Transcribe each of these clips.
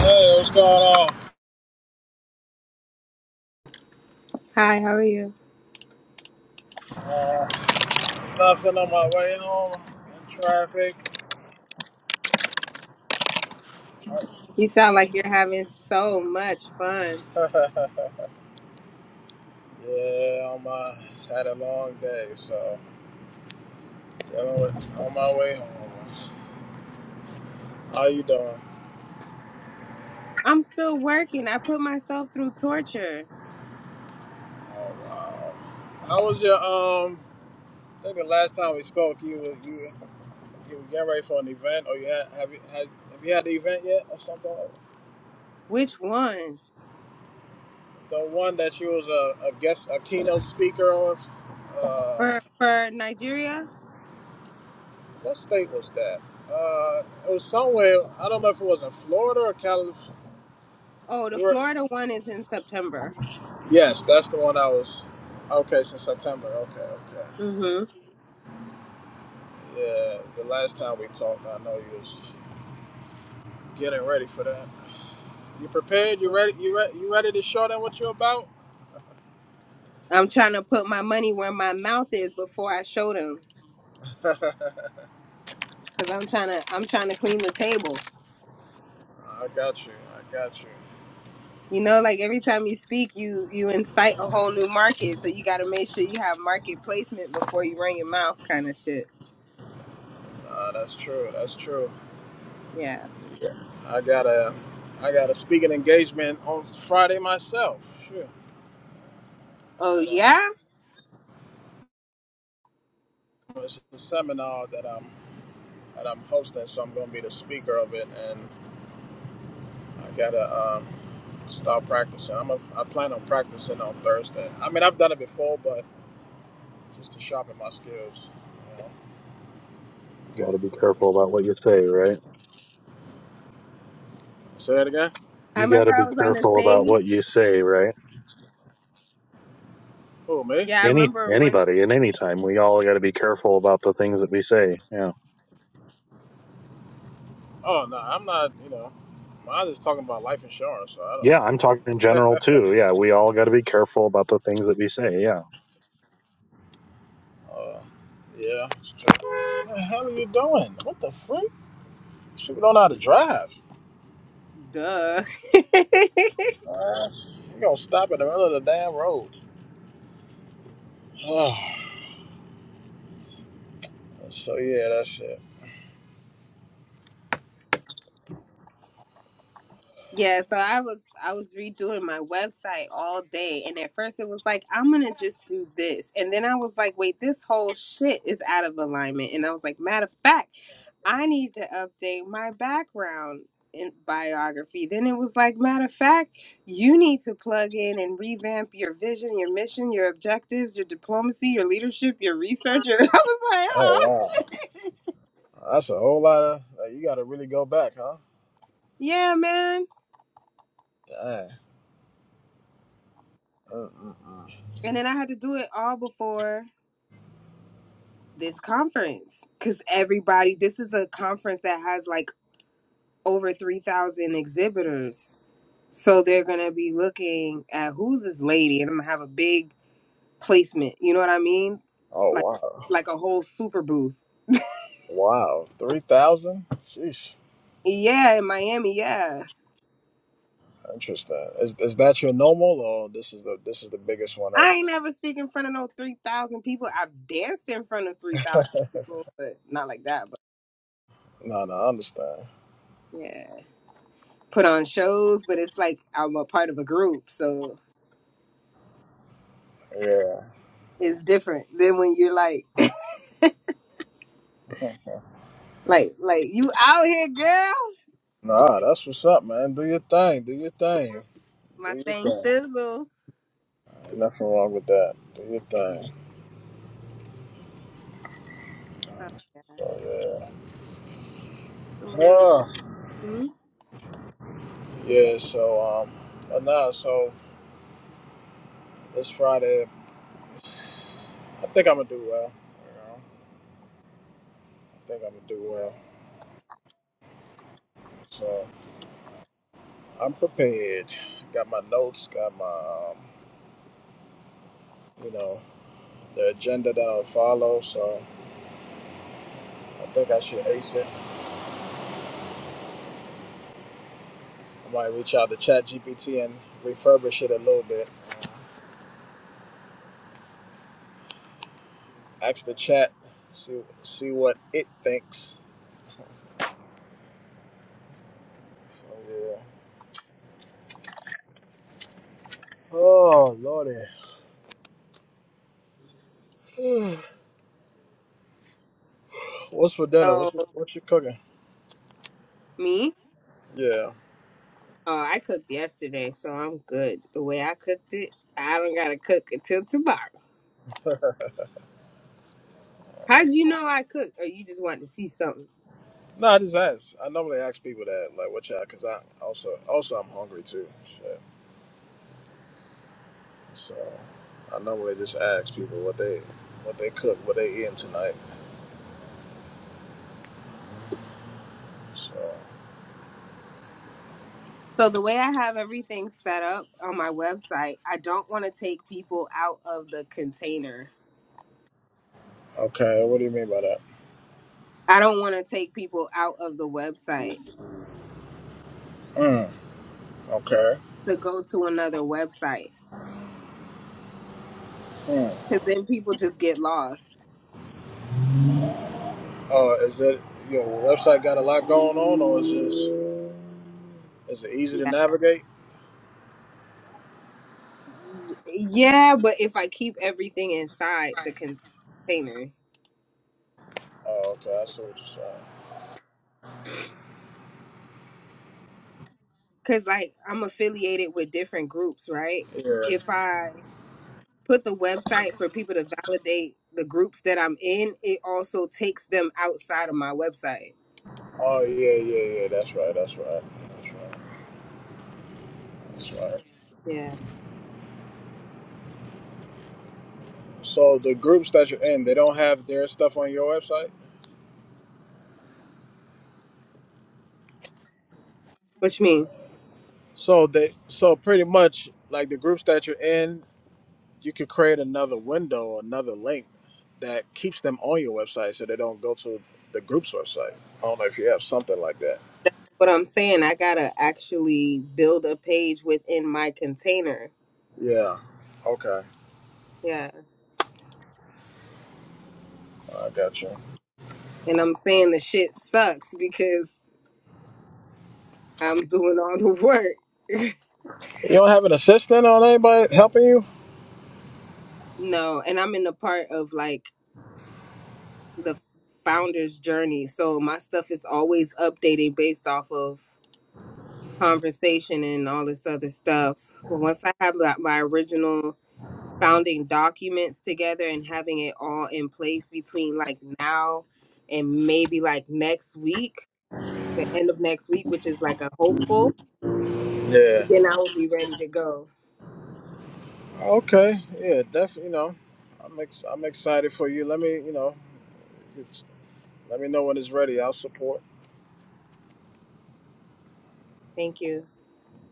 Hey, what's going on? Hi, how are you? Nothing on my way home in traffic. You sound like you're having so much fun. yeah, on my had a long day, so dealing with on my way home. How you doing? I'm still working. I put myself through torture. Oh wow. How was your um? I think the last time we spoke, you was you you were getting ready for an event, or you had have you had have you had the event yet, or something? Which one? The one that you was a, a guest, a keynote speaker of. Uh, For for Nigeria? What state was that? Uh, it was somewhere. I don't know if it was in Florida or California. Oh, the Florida one is in September. Yes, that's the one I was. Okay, since September. Okay, okay. Mhm. Yeah, the last time we talked, I know you was getting ready for that. You prepared? You ready? You ready? You ready to show them what you're about? I'm trying to put my money where my mouth is before I show them I cuz I'm trying to I'm trying to clean the table. got you. I got you. You know, like every time you speak, you you incite a whole new market. So you got to make sure you have market placement before you run your mouth kind of shit. Nah, that's true. That's true. Yeah. Yeah. I got a, I got a speaking engagement on Friday myself. Sure. Oh At um, yeah? it's a seminar that I'm and I'm hosting, so I'm going to be the speaker of it, and I gotta um, start practicing. I'm a, I plan on practicing on Thursday. I mean, I've done it before, but just to sharpen my skills. You know. You got to be careful about what you say, right? Say that again. I You got to remember I be was on the careful about stage. what you say, right? Who me? Yeah, I Any remember one. anybody at any time, we all got to be careful about the things that we say. Yeah. Oh no, I'm not. You know, mine is talking about life insurance, so I don't. Yeah, I'm You talking know. in general too. Yeah, we all got to be careful about the things that we say. Yeah. Uh, yeah. What the hell are you doing? What the freak? These people don't know how to drive. Duh. Uh, you gonna stop in the middle of the damn road? so yeah, that's it. yeah, so I was I was redoing my website all day, and at first it was like I'm gonna just do this, and then I was like, wait, this whole shit is out of alignment, and I was like, matter of fact, I need to update my background in biography. Then it was like, matter of fact, you need to plug in and revamp your vision, your mission, your objectives, your diplomacy, your leadership, your research. Your I was like, Oh oh wow. That's a whole lot of. Like, you got to really go back, huh? Yeah, man. Dang. Mm-mm-mm. And then I had to do it all before this conference because everybody, this is a conference that has like over 3,000 exhibitors. So they're going to be looking at who's this lady and I'm going to have a big placement. You know what I mean? Oh Like, wow, like a whole super booth. wow, three thousand. Sheesh. Yeah, in Miami. Yeah. Interesting. Is is that your normal, or this is the this is the biggest one I ever? ain't never speak in front of no 3,000 people. I've danced in front of 3,000 people, but not like that. But No, no, I understand. yeah. put on shows, but it's like I'm a part of a group, so Yeah. it's different than when you're like, like, like you out here, girl. Nah, that's what's up, man. Do your thing. Do your thing. Do My your thing thing. thizzle Ain't nothing wrong with that. Do your thing. That's So, a yeah. little bit. Ah. Hmm? Yeah. So um, but nah. So this Friday, I think I'm gonna do well. I think I'm gonna do well. So I'm prepared. Got my notes. Got my, um, you know, the agenda that I'll follow. So I think I should ace it. I might reach out to Chat GPT and refurbish it a little bit. Ask the chat, see see what it thinks. So yeah. Oh lordy. What's for dinner? So What you, what you cooking? me, Yeah. oh, I cooked yesterday, so I'm good. The way I cooked it, I don't gotta cook until tomorrow. How'd you know I cooked, or you just wanted to see something? No, I just ask. I normally ask people that, like, what y'all, because I also also I'm hungry too. Shit. So I normally just ask people what they what they cook, what they eating tonight. So So the way I have everything set up on my website, I don't want to take people out of the container. okay, what do you mean by that? I don't want to take people out of the website Mm, okay. to go to another website Mm. because then people just get lost. Uh, is that your website got a lot going on, or is just is it easy to Yeah, navigate? yeah, but if I keep everything inside the container, Oh, okay, I see what you're because like I'm affiliated with different groups, right? saying. If Yeah. I put the website for people to validate the groups that I'm in, it also takes them outside of my website. Oh yeah, yeah, yeah. That's right. That's right. That's right. That's right. Yeah, So the groups that you're in, they don't have their stuff on your website. which means So they, so pretty much like the groups that you're in. you could create another window or another link that keeps them on your website so they don't go to the group's website. I don't know if you have something like that. what I'm saying, I gotta actually build a page within my container. Yeah. Okay. Yeah. I got you. And I'm saying the shit sucks because I'm doing all the work. You don't have an assistant or anybody helping you? No, and I'm in the part of like the founder's journey. So my stuff is always updating based off of conversation and all this other stuff. But once I have like, my original founding documents together and having it all in place between like now and maybe like next week, the end of next week, which is like a hopeful, Yeah. then I will be ready to go. Okay. Yeah, definitely. You know, I'm ex- I'm excited for you. Let me, you know, it's, let me know when it's ready. I'll support. Thank you.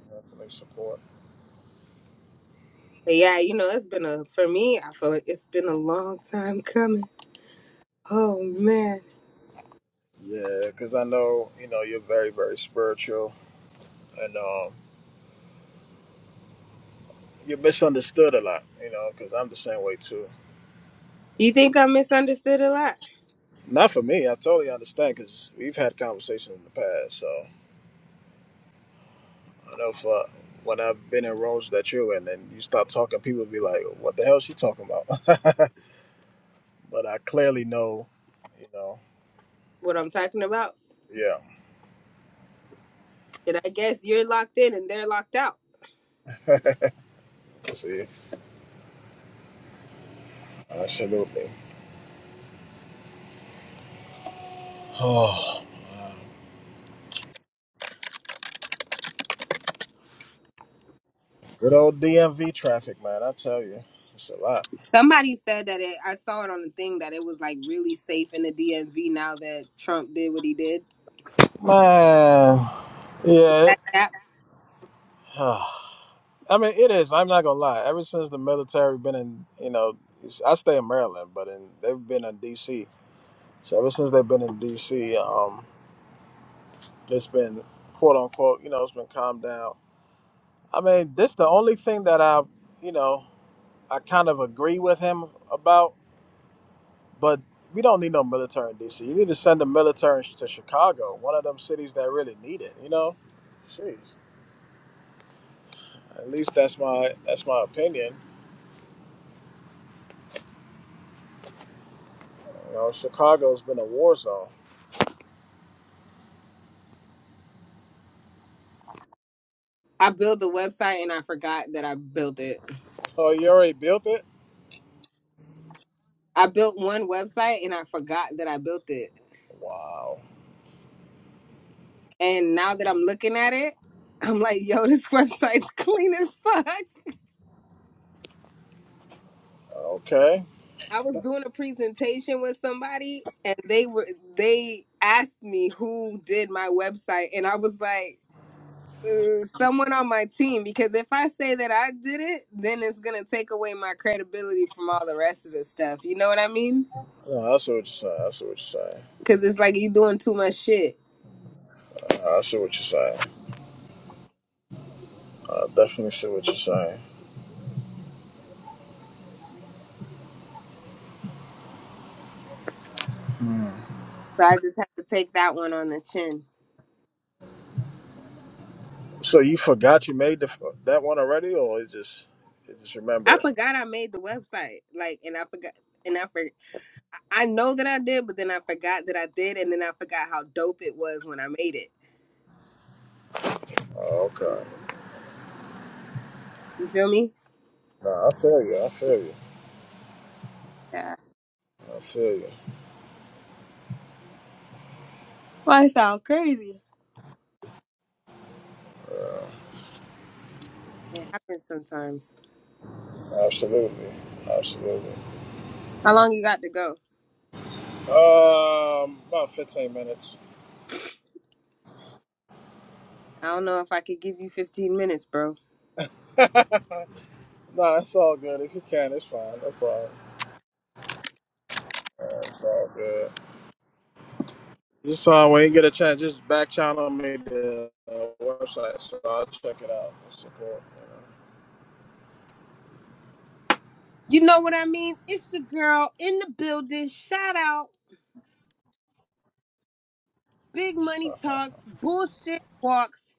Definitely support. But yeah, you know, it's been a, for me, I feel like it's been a long time coming. Oh man. Yeah, because I know you know you're very very spiritual and um, you're misunderstood a lot. You know, because I'm the same way too. You think I misunderstood a lot? Not for me. I totally understand because we've had conversations in the past. So I know for when I've been in rooms that you're in, and you start talking, people be like, "What the hell is she talking about?" but I clearly know, you know. What I'm talking about? Yeah. Did I guess you're locked in and they're locked out? See, absolutely. Oh, man. good old DMV traffic, man. I tell you, it's a lot, Somebody said that it, I saw it on the thing that it was like really safe in the DMV now that Trump did what he did. man. Yeah. it- That app, I mean, it is. I'm not gonna lie. Ever since the military been in, you know, I stay in Maryland, but in, they've been in DC So ever since they've been in DC, um, it's been quote unquote, you know, it's been calmed down. I mean, this the only thing that I, you know, I kind of agree with him about, but we don't need no military in DC. You need to send the military to Chicago, one of them cities that really need it. You know, jeez. At least that's my that's my opinion. You know, Chicago's been a war zone. I built the website and I forgot that I built it. Oh, you already built it? I built one website and I forgot that I built it. Wow. And now that I'm looking at it, I'm like, yo, this website's clean as fuck. Okay. I was doing a presentation with somebody and they were they asked me who did my website and I was like uh, someone on my team because if I say that I did it then it's going to take away my credibility from all the rest of the stuff. You know what I mean? No, I see what you're saying. I see what you're saying. Cuz it's like you doing too much shit. No, I see what you're saying. I definitely see what you're saying. So I just had to take that one on the chin. So you forgot you made the, that one already, or it just you just I remember? it? forgot I made the website like and I forgot and I forgot. I know that I did, but then I forgot that I did, and then I forgot how dope it was when I made it. Oh, okay. You feel me? Nah, I feel you. I feel you. Yeah, I feel you. Why it sound crazy? it happens sometimes. Absolutely. Absolutely. How long you got to go? Um, about 15 minutes. I don't know if I could give you 15 minutes, bro. nah, it's all good. If you can, it's fine. No problem. Uh, it's all good. Just fine. When you get a chance, just back channel me the uh, website so I'll check it out. and Support. You know what I mean? It's your girl in the building. Shout out, Big Money Talks, Bullshit Walks,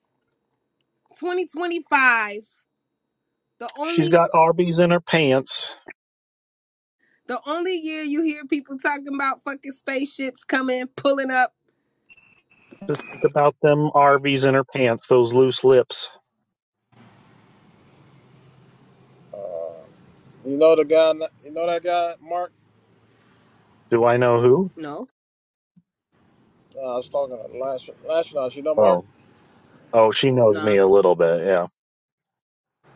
2025. The She's only, got Arby's in her pants. the only year you hear people talking about fucking spaceships coming, pulling up. Just think about them Arby's in her pants, those loose lips. You know, you know the guy. You know that guy, Mark. Do I know who? No, Uh, I was talking to last last night. You know, Mark. Oh. Oh, she knows me nah, a little bit. Yeah.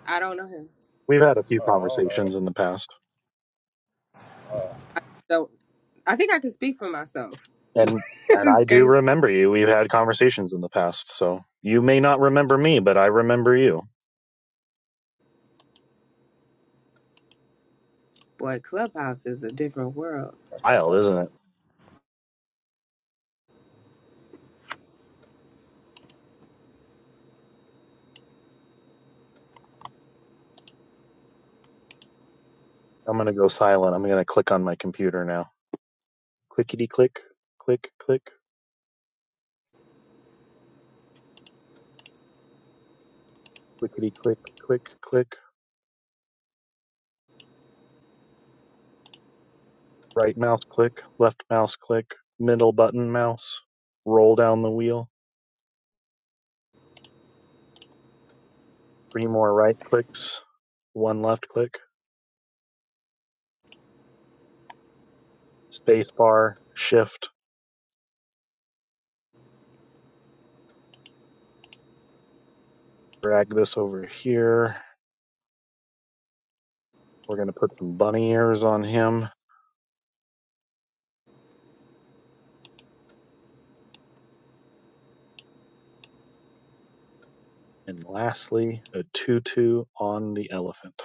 I don't know him. We've had a few Uh, I don't know. conversations in the past. So I think I can speak for myself. And and it's I do crazy. remember you. We've had conversations in the past, so you may not remember me, but I remember you. Boy, Clubhouse is a different world. Wild, isn't it? I'm gonna go silent. I'm gonna click on my computer now. Clickety click, click click, clickety click, click click. Right mouse click, left mouse click, middle button mouse. Roll down the wheel. Three more right clicks, one left click, space bar, shift. Drag this over here. We're gonna put some bunny ears on him And lastly, a tutu on the elephant.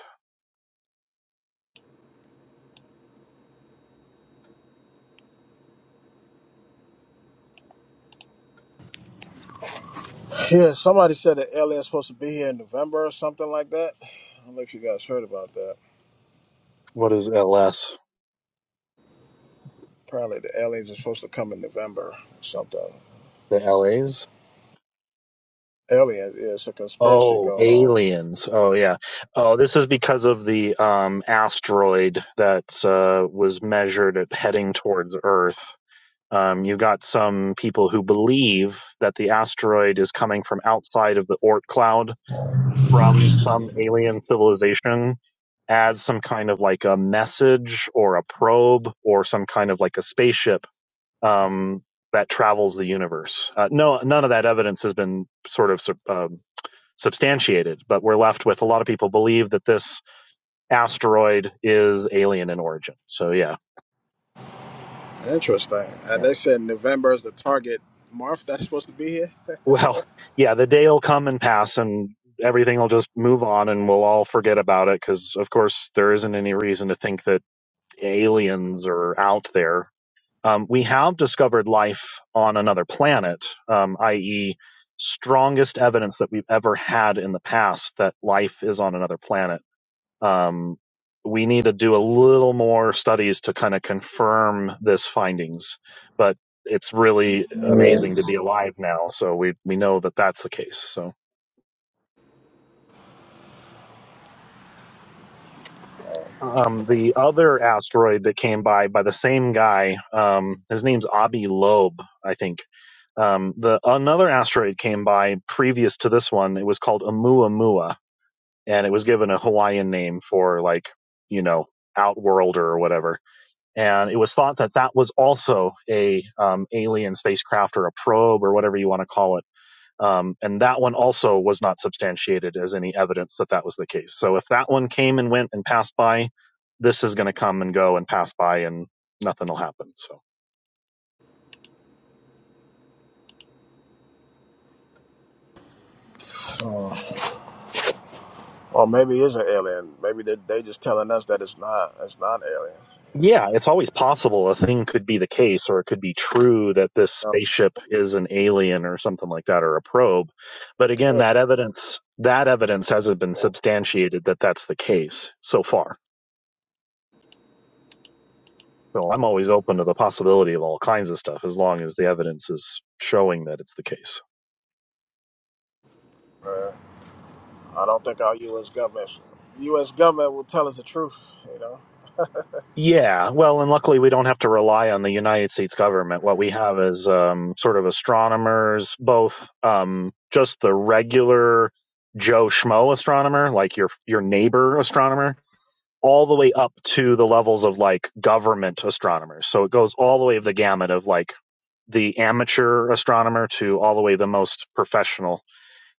Yeah, somebody said that alien's supposed to be here in November or something like that. I don't know if you guys heard about that. What is LS? Apparently, the aliens are supposed to come in November or something. The LAs? Aliens, yeah, it's a conspiracy Oh, going on. aliens. Oh yeah. Oh, this is because of the um asteroid that uh was measured at heading towards Earth. Um, you got some people who believe that the asteroid is coming from outside of the Oort cloud from some alien civilization as some kind of like a message or a probe or some kind of like a spaceship um, that travels the universe. Uh, no, none of that evidence has been sort of sub- um, substantiated, but we're left with a lot of people believe that this asteroid is alien in origin. So yeah, Interesting. And yeah. they said November is the target month that's supposed to be here. Well, yeah, the day will come and pass, and everything will just move on, and we'll all forget about it because, of course, there isn't any reason to think that aliens are out there Um, we have discovered life on another planet, um, i.e., strongest evidence that we've ever had in the past that life is on another planet. Um, we need to do a little more studies to kind of confirm this findings, but it's really amazing to be alive now. So we we know that that's the case. So. um, the other asteroid that came by by the same guy. Um, his name's Abi Loeb, I think. Um, the another asteroid came by previous to this one. It was called Oumuamua, and it was given a Hawaiian name for like you know outworlder or whatever. And it was thought that that was also a um, alien spacecraft or a probe or whatever you want to call it um, and that one also was not substantiated as any evidence that that was the case. So if that one came and went and passed by, this is going to come and go and pass by and nothing will happen. So Oh. Or maybe it's an alien. Maybe they they just telling us that it's not. It's not an alien. yeah, it's always possible a thing could be the case or it could be true that this You spaceship is an alien or something like that or a probe. But again, know. that evidence, that evidence hasn't been substantiated that that's the case so far. So I'm always open to the possibility of all kinds of stuff as long as the evidence is showing that it's the case. No. I don't think our U.S. government, U.S. government will tell us the truth. You know, Yeah, well, and luckily we don't have to rely on the United States government. What we have is um, sort of astronomers, both um, just the regular Joe Schmo astronomer, like your your neighbor astronomer, all the way up to the levels of like government astronomers. So it goes all the way of the gamut of like the amateur astronomer to all the way the most professional.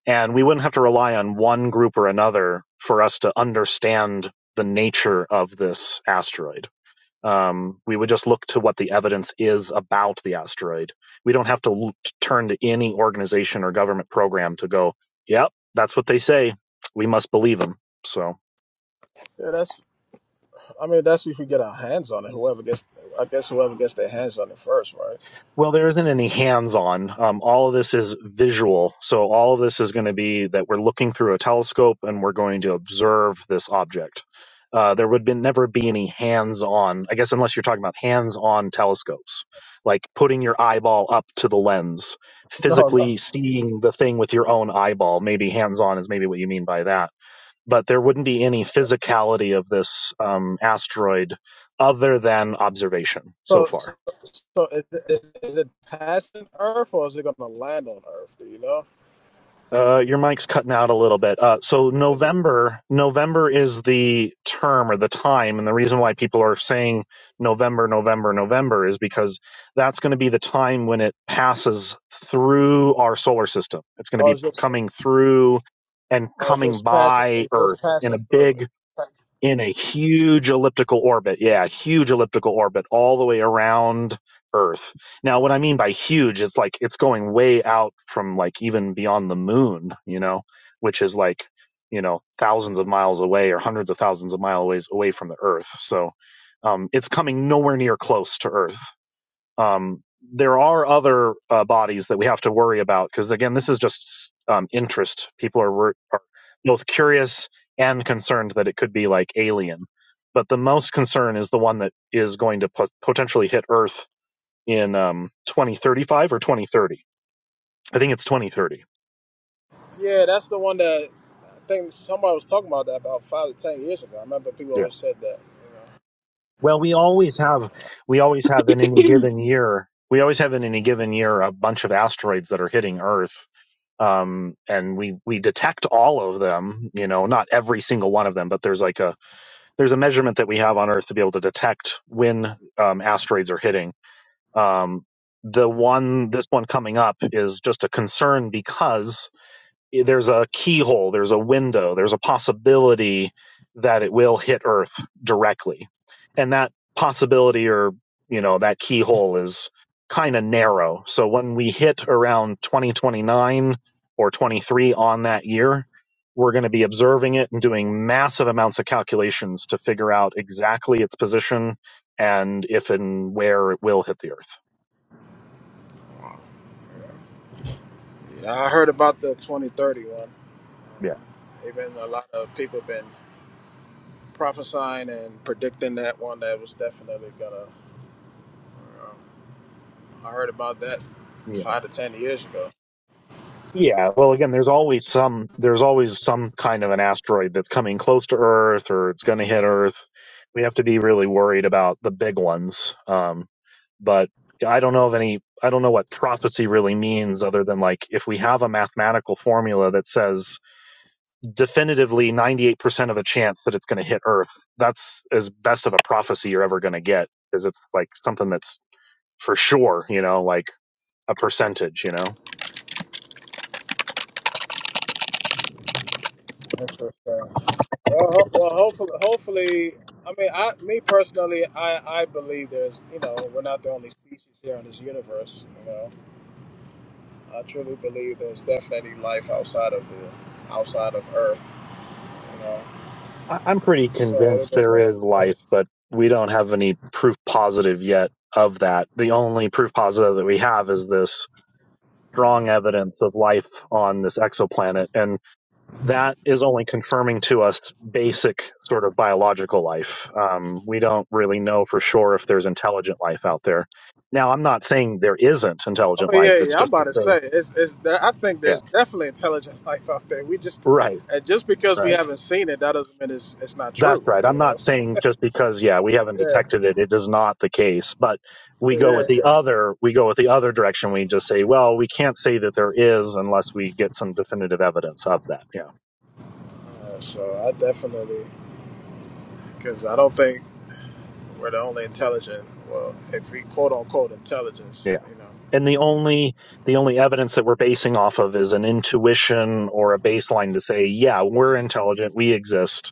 And we wouldn't have to rely on one group or another for us to understand the nature of this asteroid um, we would just look to what the evidence is about the asteroid. We don't have to l- t- turn to any organization or government program to go, yep, that's what they say. We must believe them. So. yeah, that's. I mean, that's if we get our hands on it. Whoever gets, I guess, whoever gets their hands on it first, right? Well, there isn't any hands-on. Um, all of this is visual. So all of this is going to be that we're looking through a telescope and we're going to observe this object. Uh, there would be, never be any hands-on, I guess, unless you're talking about hands-on telescopes, like putting your eyeball up to the lens, No, no. physically seeing the thing with your own eyeball. Maybe hands-on is maybe what you mean by that. But there wouldn't be any physicality of this um, asteroid other than observation so So, far. so, so is, is, is it passing Earth or is it gonna land on Earth? Do you know? Uh, your mic's cutting out a little bit. Uh, so Is it? November, November is the term or the time, and the reason why people are saying November, November, November is because that's going to be the time when it passes through our solar system. It's going to Or be it's p- just, coming through and or it's coming just passing? by It's Earth just in passing a through. big in a huge elliptical orbit. Yeah, huge elliptical orbit all the way around Earth. Now, what I mean by huge is like it's going way out from like even beyond the moon, you know, which is like, you know, thousands of miles away or hundreds of thousands of miles away from the Earth. So um, it's coming nowhere near close to Earth. Um, there are other uh, bodies that we have to worry about because again, this is just um, interest. People are, are both curious and concerned that it could be like alien, but the most concern is the one that is going to po- potentially hit Earth in um, 2035 or 2030. I think it's 2030. Yeah, that's the one that I think somebody was talking about that about five to ten years ago. I remember people Yeah. always said that. You Well, we always have we always have in any given year we always have in any given year a bunch of asteroids that are hitting Earth um and we we detect all of them you know not every single one of them but there's like a there's a measurement that we have on earth to be able to detect when um asteroids are hitting um the one this one coming up is just a concern because there's a keyhole, there's a window, there's a possibility that it will hit Earth directly. And that possibility or, you know, that keyhole is kind of narrow. So when we hit around 2029 or 23 on that year, we're going to be observing it and doing massive amounts of calculations to figure out exactly its position and if and where it will hit the Earth. know? Yeah, I heard about the 2031. Yeah. Even a lot of people have been prophesying and predicting that one that was definitely gonna. Um, I heard about that Yeah. five to ten years ago. Yeah, well, again, there's always some there's always some kind of an asteroid that's coming close to Earth or it's going to hit Earth. We have to be really worried about the big ones. Um, but I don't know of any. I don't know what prophecy really means, other than like if we have a mathematical formula that says definitively 98% of a chance that it's going to hit Earth. That's as best of a prophecy you're ever going to get, because it's like something that's for sure. You know, like a percentage. You know. Interesting. Well, ho- well, hopefully, hopefully, I mean, I, me personally, I, I believe there's, you know, we're not the only species here in this universe. You know, I truly believe there's definitely life outside of the, outside of Earth. You know, I- I'm pretty so it'll convinced be there is interesting. life, but we don't have any proof positive yet of that. The only proof positive that we have is this strong evidence of life on this exoplanet. And that is only confirming to us basic sort of biological life. Um, we don't really know for sure if there's intelligent life out there. Now, I'm not saying there isn't Oh intelligent life. yeah, It's yeah. I'm just to about to say, say it's, it's there, I think yeah, there's definitely intelligent life out there. We just right, and just because we right. haven't seen it, that doesn't mean it's it's not That's true. right. I'm You not know? saying just because, yeah, we haven't Yeah, detected it, it is not the case. But we go with yeah. the other, we go with the other direction. We just say, well, we can't say that there is unless we get some definitive evidence of that. Yeah. Uh, so I definitely because I don't think we're the only intelligent. Well, if we quote unquote intelligence, Yeah. you know. And the only, the only evidence that we're basing off of is an intuition or a baseline to say, yeah, we're intelligent. We exist.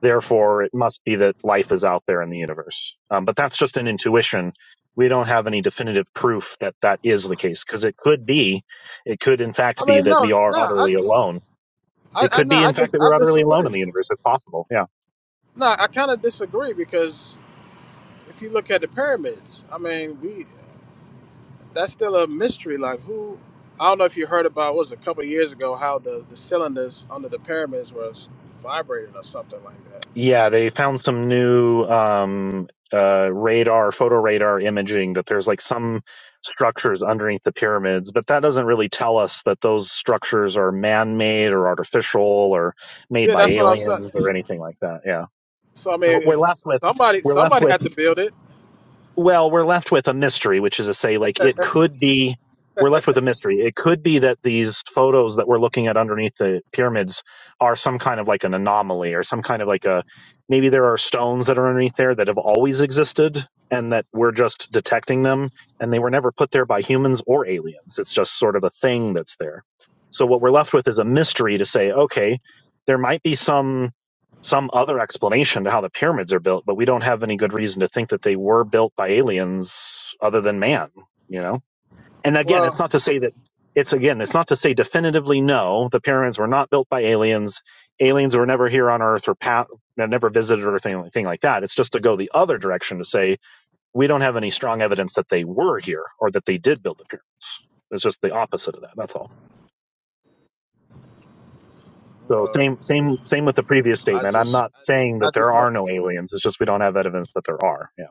Therefore, it must be that life is out there in the universe. Um, but that's just an intuition. We don't have any definitive proof that that is the case because it could be, it could in fact I be mean, that no, we are no, I, utterly alone. I, It I could no, be, I, in fact, dis- that we're I utterly alone in disagree. the universe. It's possible. Yeah. No, I kind of disagree because if you look at the pyramids, I mean, we that's still a mystery. Like who? I don't know if you heard about what was it, a couple of years ago how the, the cylinders under the pyramids was vibrating or something like that. Yeah. They found some new, um, uh, radar, photo radar imaging that there's like some structures underneath the pyramids, but that doesn't really tell us that those structures are man made or artificial or made Yeah, by that's what I'm aliens saying. or anything like that. Yeah. So I we're mean, left with somebody we're left somebody with had to build it. well we're left with a mystery which is to say like it could be we're left with a mystery it could be that these photos that we're looking at underneath the pyramids are some kind of like an anomaly or some kind of like a maybe there are stones that are underneath there that have always existed and that we're just detecting them and they were never put there by humans or aliens it's just sort of a thing that's there so what we're left with is a mystery to say okay there might be some some other explanation to how the pyramids are built, but we don't have any good reason to think that they were built by aliens other than man, you know? And again, it's Well, not to say that it's again, it's not to say definitively no, the pyramids were not built by aliens. Aliens were never here on Earth or pa- never visited or anything, anything like that. It's just to go the other direction to say we don't have any strong evidence that they were here or that they did build the pyramids. It's just the opposite of that. That's all. So well, same same same with the previous I statement. I'm just not saying I that there just know. are no aliens. It's just we don't have evidence that there are. Yeah.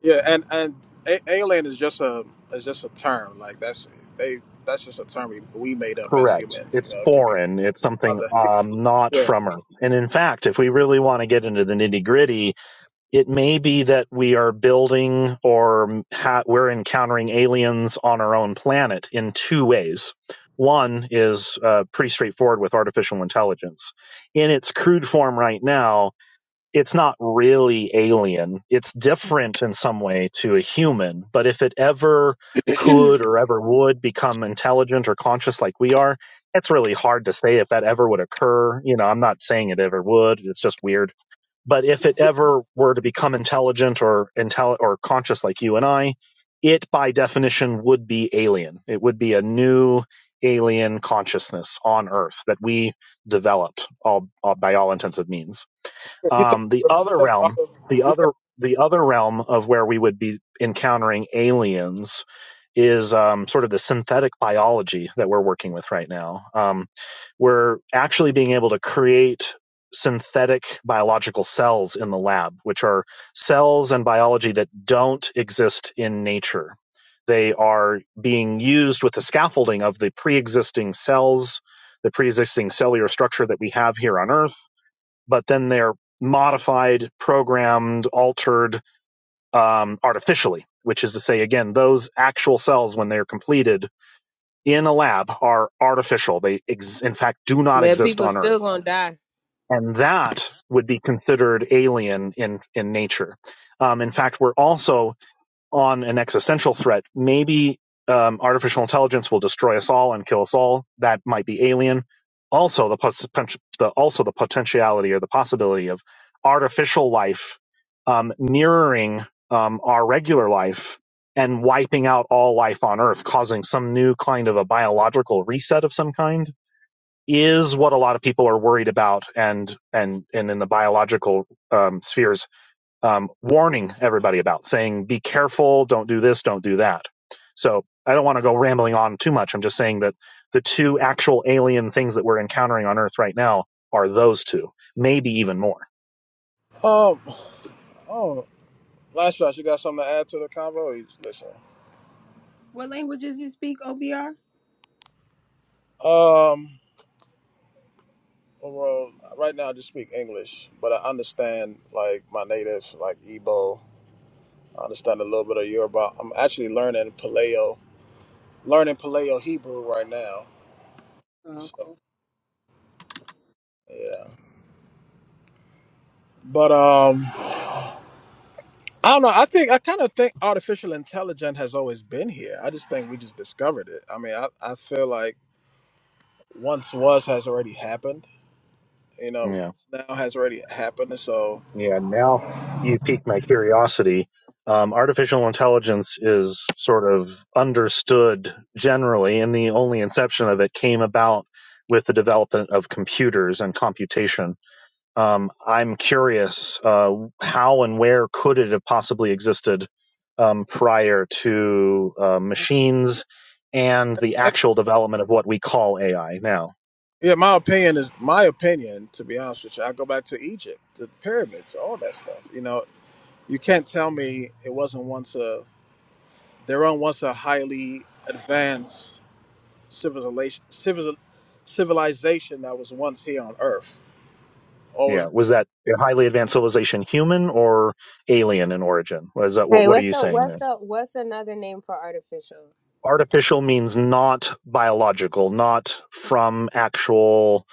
Yeah, and and a- alien is just a is just a term. Like that's they that's just a term we, we made up as Correct. humans. You It's know, it could be foreign. It's something other. um not Yeah, from Earth. And in fact, if we really want to get into the nitty gritty, it may be that we are building or ha- we're encountering aliens on our own planet in two ways. One is uh, pretty straightforward with artificial intelligence. In its crude form right now, it's not really alien. It's different in some way to a human, but if it ever could or ever would become intelligent or conscious like we are, it's really hard to say if that ever would occur. You know, I'm not saying it ever would. It's just weird. But if it ever were to become intelligent or intel or conscious like you and I, it by definition would be alien. It would be a new alien consciousness on Earth that we developed all, all by all intents and means. you think Um, the you other think realm, other. the You other the other realm of where we would be encountering aliens is um, sort of the synthetic biology that we're working with right now. Um, we're actually being able to create synthetic biological cells in the lab, which are cells and biology that don't exist in nature. They are being used with the scaffolding of the pre existing cells, the pre existing cellular structure that we have here on Earth but then they're modified, programmed, altered um, artificially, which is to say, again, those actual cells, when they're completed in a lab, are artificial. They, ex- in fact, do not Man, exist people on still Earth. gonna die. And that would be considered alien in, in nature. Um, in fact, we're also on an existential threat. Maybe um, artificial intelligence will destroy us all and kill us all. That might be alien. Also, the, pos- the also the potentiality or the possibility of artificial life um, mirroring um, our regular life and wiping out all life on Earth, causing some new kind of a biological reset of some kind, is what a lot of people are worried about. And and and in the biological um, spheres, um, warning everybody about, saying, be careful, don't do this, don't do that. So I don't want to go rambling on too much. I'm just saying that the two actual alien things that we're encountering on Earth right now are those two, maybe even more. think, um. oh, Last shot, you got something to add to the convo? Or you just listen. What languages you speak, OBR? Um, well, right now I just speak English, but I understand like my native, like Igbo. I understand a little bit of Yoruba. I'm actually learning Paleo, learning Paleo Hebrew right now. Oh, So cool. yeah, but um, I don't know. I think I kind of think artificial intelligence has always been here. I just think we just discovered it. I mean, I I feel like once was has already happened. You know, Yeah. once now has already happened, so. Yeah. Now you piqued my curiosity. Um, artificial intelligence is sort of understood generally, and the only inception of it came about with the development of computers and computation Um, I'm curious uh, how and where could it have possibly existed um, prior to uh, machines and the actual development of what we call AI now? Yeah, my opinion is my opinion. To be honest with you, I go back to Egypt, to the pyramids, all that stuff. You know, you can't tell me it wasn't once a there are on once a highly advanced civilization, civil, civilization that was once here on Earth, or was Yeah, was that a highly advanced civilization human or alien in origin? Was that what? Hey, What are what's you the saying what's there? the what's another name for artificial? Artificial means not biological, not from actual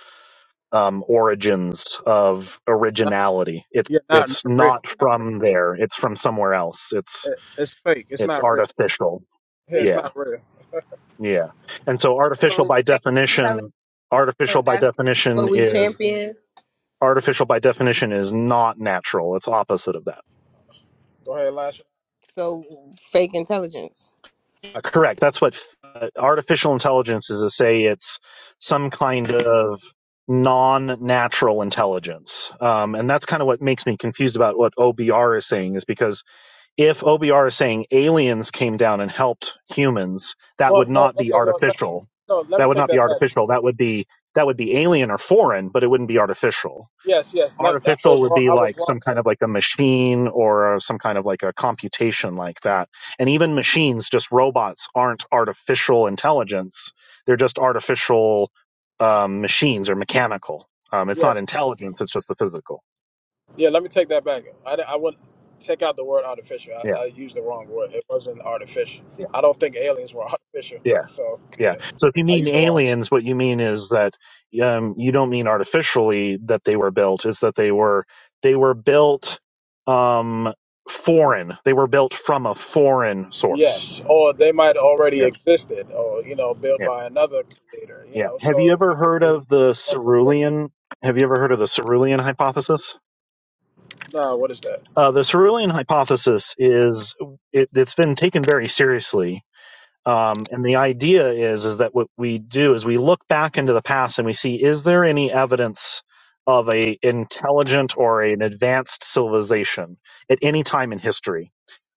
um, origins of not. originality. It's Yeah, not not it's real. not Not from there. It's from somewhere else. It's real. It, it's fake. It's It's not real. artificial. Yeah, it's It's Yeah. not real. Yeah. And so artificial well, by fake intelligence. definition, artificial by That's definition what we is champion. artificial by definition is not natural. It's opposite of that. Go ahead, Lasha. So fake intelligence. Uh, correct. That's what uh, artificial intelligence is to say it's some kind of non-natural intelligence. Um, and that's kind of what makes me confused about what OBR is saying is because if OBR is saying aliens came down and helped humans, that Well, would no, not be okay, well, let, artificial. no. Let me That would take not be that back. artificial. That would be that would be alien or foreign, but it wouldn't be artificial. Yes, yes. Let, I Artificial was would wrong. be I was like some wrong. kind of like a machine or some kind of like a computation like that. And even machines, just robots, aren't artificial intelligence. They're just artificial um, machines or mechanical. Um, it's not intelligence. It's just the physical. Yeah, let me take that back. I, I would take out the word artificial. Yeah, I, I used the wrong word. It wasn't artificial. yeah, I don't think aliens were artificial. yeah. So Yeah. yeah, So if you I mean used the wrong. aliens, what you mean is that um, you don't mean artificially that they were built. Is that they were they were built um, foreign. They were built from a foreign source. Yes, or they might already Yeah. existed, or you know, built Yeah. by another creator. You Yeah. know, Have you so ever it could heard of the be. cerulean? Have you ever heard of the cerulean hypothesis? No, what is that? Uh, the cerulean hypothesis is it, it's been taken very seriously Um, and the idea is is that what we do is we look back into the past and we see is there any evidence of a intelligent or an advanced civilization at any time in history?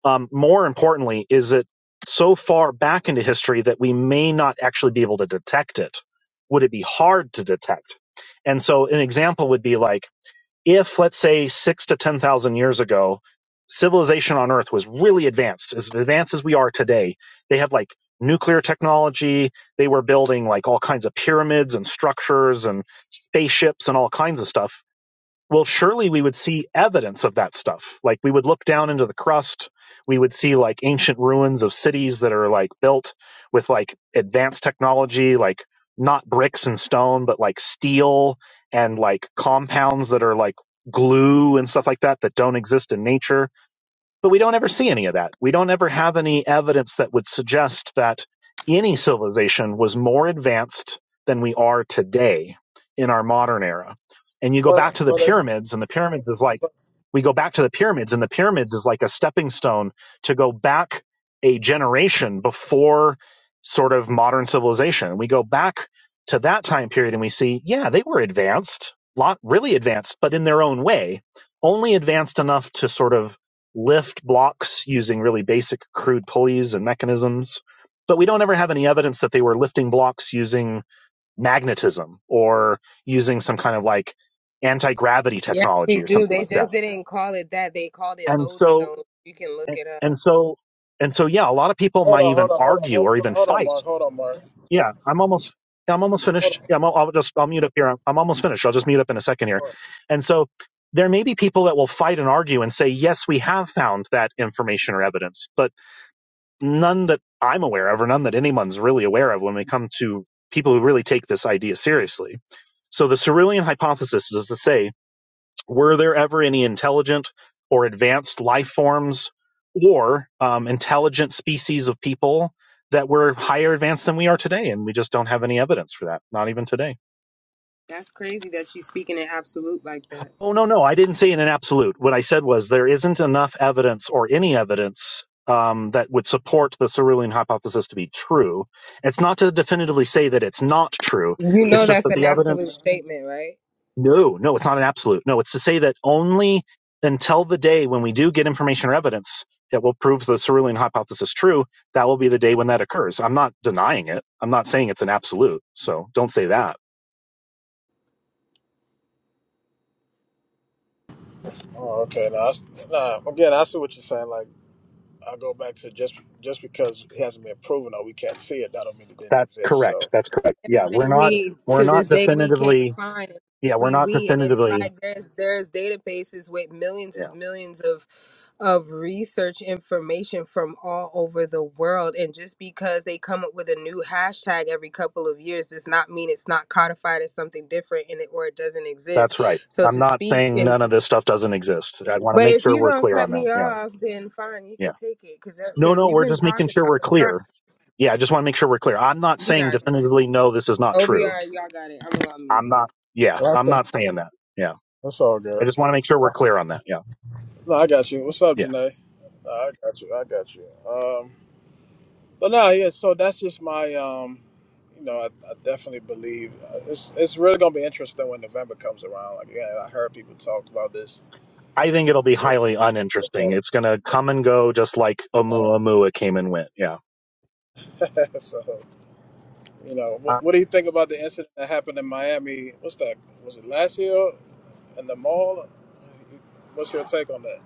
Um, more importantly, is it so far back into history that we may not actually be able to detect it? Would it be hard to detect? And so an example would be like if let's say six to 10,000 years ago, civilization on earth was really advanced, as advanced as we are today, they had like nuclear technology. They were building like all kinds of pyramids and structures and spaceships and all kinds of stuff well surely we would see evidence of that stuff like we would look down into the crust we would see like ancient ruins of cities that are like built with like advanced technology like not bricks and stone but like steel and like compounds that are like glue and stuff like that that don't exist in nature but we don't ever see any of that. We don't ever have any evidence that would suggest that any civilization was more advanced than we are today in our modern era. And you go back But to the but, uh, pyramids, and the pyramids is like, but we go back to the pyramids, and the pyramids is like a stepping stone to go back a generation before sort of modern civilization. We go back to that time period and we see, yeah, they were advanced, lot really advanced, but in their own way, only advanced enough to sort of lift blocks using really basic crude pulleys and mechanisms. But we don't ever have any evidence that they were lifting blocks using magnetism or using some kind of like anti gravity Yes, technology we or do. something They like that. just didn't call it that. They called it And so, lodestone. You can look and it up. so, and so, yeah, a lot of people hold might on, even hold on, hold on, argue hold or on, even hold on, fight. Mark, hold on, Mark. What- Yeah, I'm almost, yeah, I'm almost Hold finished. on, Yeah, I'm, I'll just, I'll mute up here. I'm almost finished. I'll just mute up in a second here. Mark. And so, there may be people that will fight and argue and say, yes, we have found that information or evidence, but none that I'm aware of, or none that anyone's really aware of when we come to people who really take this idea seriously. So the Cerulean hypothesis is to say, were there ever any intelligent or advanced life forms or um, intelligent species of people that were higher advanced than we are today? And we just don't have any evidence for that, not even today. That's crazy that she's speaking in absolute like that. Oh, no, no. I didn't say in an absolute. What I said was there isn't enough evidence or any evidence um, that would support the cerulean hypothesis to be true. It's not to definitively say that it's not true. You It's know just that's that an the absolute evidence. statement, right? No, no, it's not an absolute. No, it's to say that only until the day when we do get information or evidence that will prove the cerulean hypothesis true, that will be the day when that occurs. I'm not denying it. I'm not saying it's an absolute. So don't say that. Oh, okay. Now, I s- nah, again, I see what you're saying. Like. I'll go back to just just because it hasn't been proven or we can't see it, that don't mean it didn't That's exist. correct. So That's correct. and Yeah, we're say not. we We're to not this day we can't definitively find it. Yeah, we're we not we and it's definitively. like there's there's databases with millions Yeah, of millions of of research information from all over the world and just because they come up with a new hashtag every couple of years does not mean it's not codified as something different in it or it doesn't exist that's right. so I'm to not speak saying and none s- of this stuff doesn't exist. I want to but make if sure you're we're gonna clear cut on that. me Yeah, off then fine you yeah. can take it because No, because no, you've we're been just making talking sure i we're was trying clear. Yeah, I just want to make sure we're clear. I'm not you saying got it definitively no, this is not true. obr y'all got it i'm gonna mute I'm not. Yeah, well, that's, I'm all- not saying that. Yeah, that's all I good. just want to make sure we're clear on that. Yeah, No, I got you. What's up, yeah. Janae? No, I got you. I got you. Um, but no, yeah. So that's just my, um, you know, I, I definitely believe uh, it's it's really gonna be interesting when November comes around. Like, yeah, I heard people talk about this. I think it'll be this highly uninteresting. It's gonna come and go, just like Oumuamua came and went. Yeah. so You know, what, Uh, what do you think about the incident that happened in Miami? What's that? Was it last year in the mall? What's your take on that,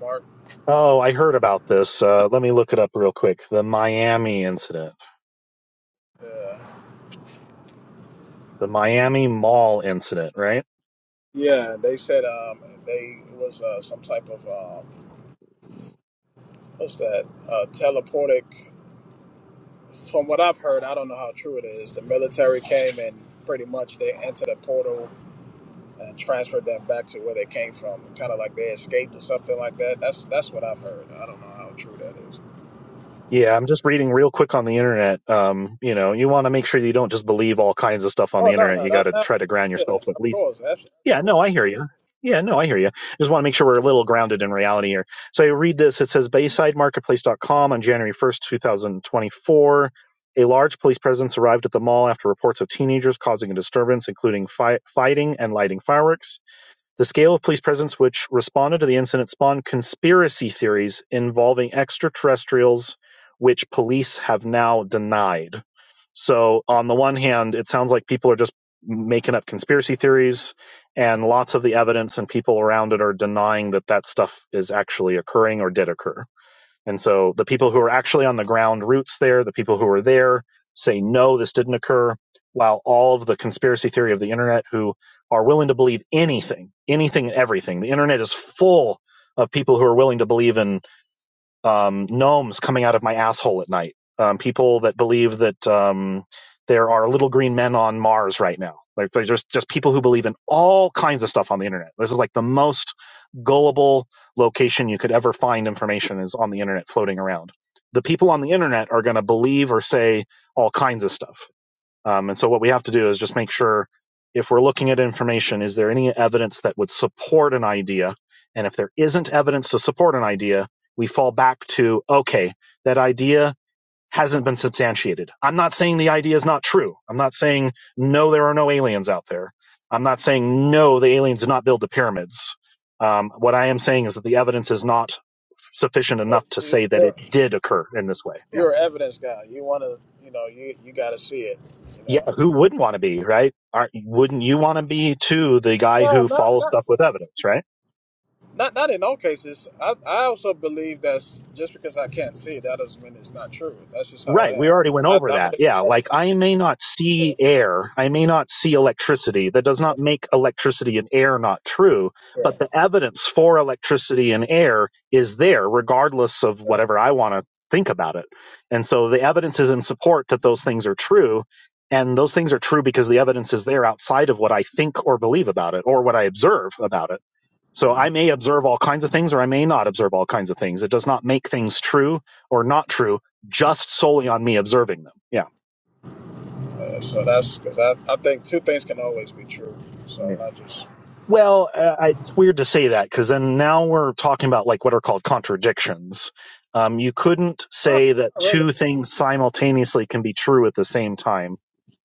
Mark? Oh, I heard about this. Uh, let me look it up real quick. The Miami incident, Yeah, the Miami Mall incident, right? yeah. They said um, they it was uh, some type of um, what's that? Uh, teleportic. From what I've heard, I don't know how true it is. The military came and pretty much they entered a portal and transferred them back to where they came from, kind of like they escaped or something like that. That's that's what I've heard. I don't know how true that is. Yeah, I'm just reading real quick on the internet. Um, you know, you want to make sure you don't just believe all kinds of stuff on Oh the no, internet. no, You no, got to no. try to ground Yeah, yourself at of least. course. Absolutely. Yeah, no, I hear you. Yeah, no, I hear you. Just want to make sure we're a little grounded in reality here. So I read this. It says BaysideMarketplace.com on January 1st, 2024. A large police presence arrived at the mall after reports of teenagers causing a disturbance, including fi- fighting and lighting fireworks. The scale of police presence which responded to the incident spawned conspiracy theories involving extraterrestrials, which police have now denied. So, on the one hand, it sounds like people are just making up conspiracy theories, and lots of the evidence and people around it are denying that that stuff is actually occurring or did occur. And so the people who are actually on the ground roots there, the people who are there say, no, this didn't occur. While all of the conspiracy theory of the internet who are willing to believe anything, anything and everything, the internet is full of people who are willing to believe in um, gnomes coming out of my asshole at night. Um, people that believe that um, there are little green men on Mars right now. Like there's just, just people who believe in all kinds of stuff on the internet. This is like the most gullible location you could ever find information is on the internet floating around. The people on the internet are going to believe or say all kinds of stuff um, and so what we have to do is just make sure if we're looking at information, is there any evidence that would support an idea? And if there isn't evidence to support an idea, we fall back to, okay, that idea hasn't been substantiated. I'm not saying the idea is not true. I'm not saying, no, there are no aliens out there. I'm not saying, no, the aliens did not build the pyramids. Um, what I am saying is that the evidence is not sufficient enough to You- say that You're, it did occur in this way. Yeah. you're an evidence guy. You want to, you know, you you got to see it. You Yeah, know. who wouldn't want to be, right? Aren't, wouldn't you want to be too the guy No, who not follows not stuff with evidence, right? not not in all cases. I I also believe that just because I can't see it, that doesn't mean it's not true. That's just how Right. We I am. already went I, I over believe that. in Yeah. Like both. I may not Yeah, see air. I may not see electricity. That does not make electricity and air not true, yeah. but the evidence for electricity and air is there regardless of whatever I want to think about it. And so the evidence is in support that those things are true. And those things are true because the evidence is there outside of what I think or believe about it or what I observe about it So I may observe all kinds of things or I may not observe all kinds of things. It does not make things true or not true just solely on me observing them. Yeah. Uh, so that's because I, I think two things can always be true. Yeah. So not just. Well, uh, it's weird to say that because then now we're talking about like what are called contradictions. Um, you couldn't Oh, say that not really? two things simultaneously can be true at the same time.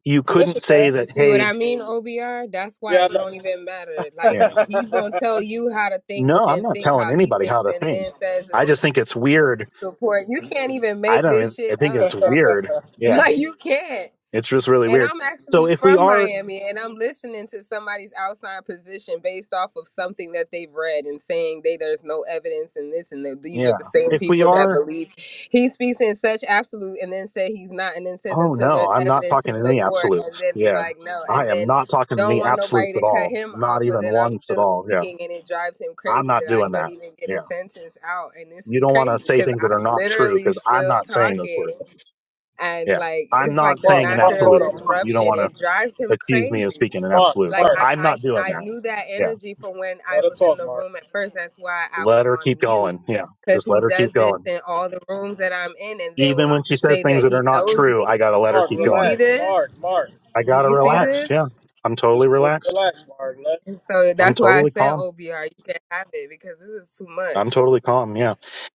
You Yes, couldn't it say can. You that, see what hey, I mean, OBR? That's why Yeah, I it don't even matter. know. Like yeah, he's gonna tell you how to think, no, but I'm then not think telling how he anybody thinks, how to and think. then says I just think it's weird. support. You can't even I make don't, this I shit think up, it's bro. weird. Yeah. Like you can't. It's just really And weird. I'm So actually if we from are Miami and I'm listening to somebody's outside position based off of something that they've read and saying they there's no evidence and this and that these are Yeah. the same If we people that are, believe he speaks in such absolute and then say he's not and then says oh until no, there's I'm not evidence talking to in any support and absolutes. then be Yeah. like no I and am then not talking in don't any want nobody absolutes at to cut all. him off Not but even then I'm once at still all. Yeah. speaking and it drives him I'm crazy not that I doing can't that. even get a Yeah. sentence out and this You is don't want to crazy say cuz things that are I'm not true literally because I'm still not saying those talking sort of things. and Yeah. like I'm it's like not the Mark, saying an Mark, master of hold absolute. on, Mark, You don't disruption want it to drives him accuse me of speaking crazy in Mark, absolutes. like I, Mark. I- I'm I not doing i that. knew that Yeah. energy from when i Gotta was in talk, the Mark. room at first that's why i Let was her on keep mute going. Yeah. because Just he let her keep does this going. in all the rooms that i'm in and then Even wants when she to says say things that that he are not knows true, me I got to let her Mark, keep you going. see relax. Mark, this Mark, I do got to you see Mark. relax. Yeah. this I'm totally Just relaxed. relax, Mark. Let, and so I'm that's why i totally said calm. obr you can not have it because this is too I'm much totally calm. Yeah.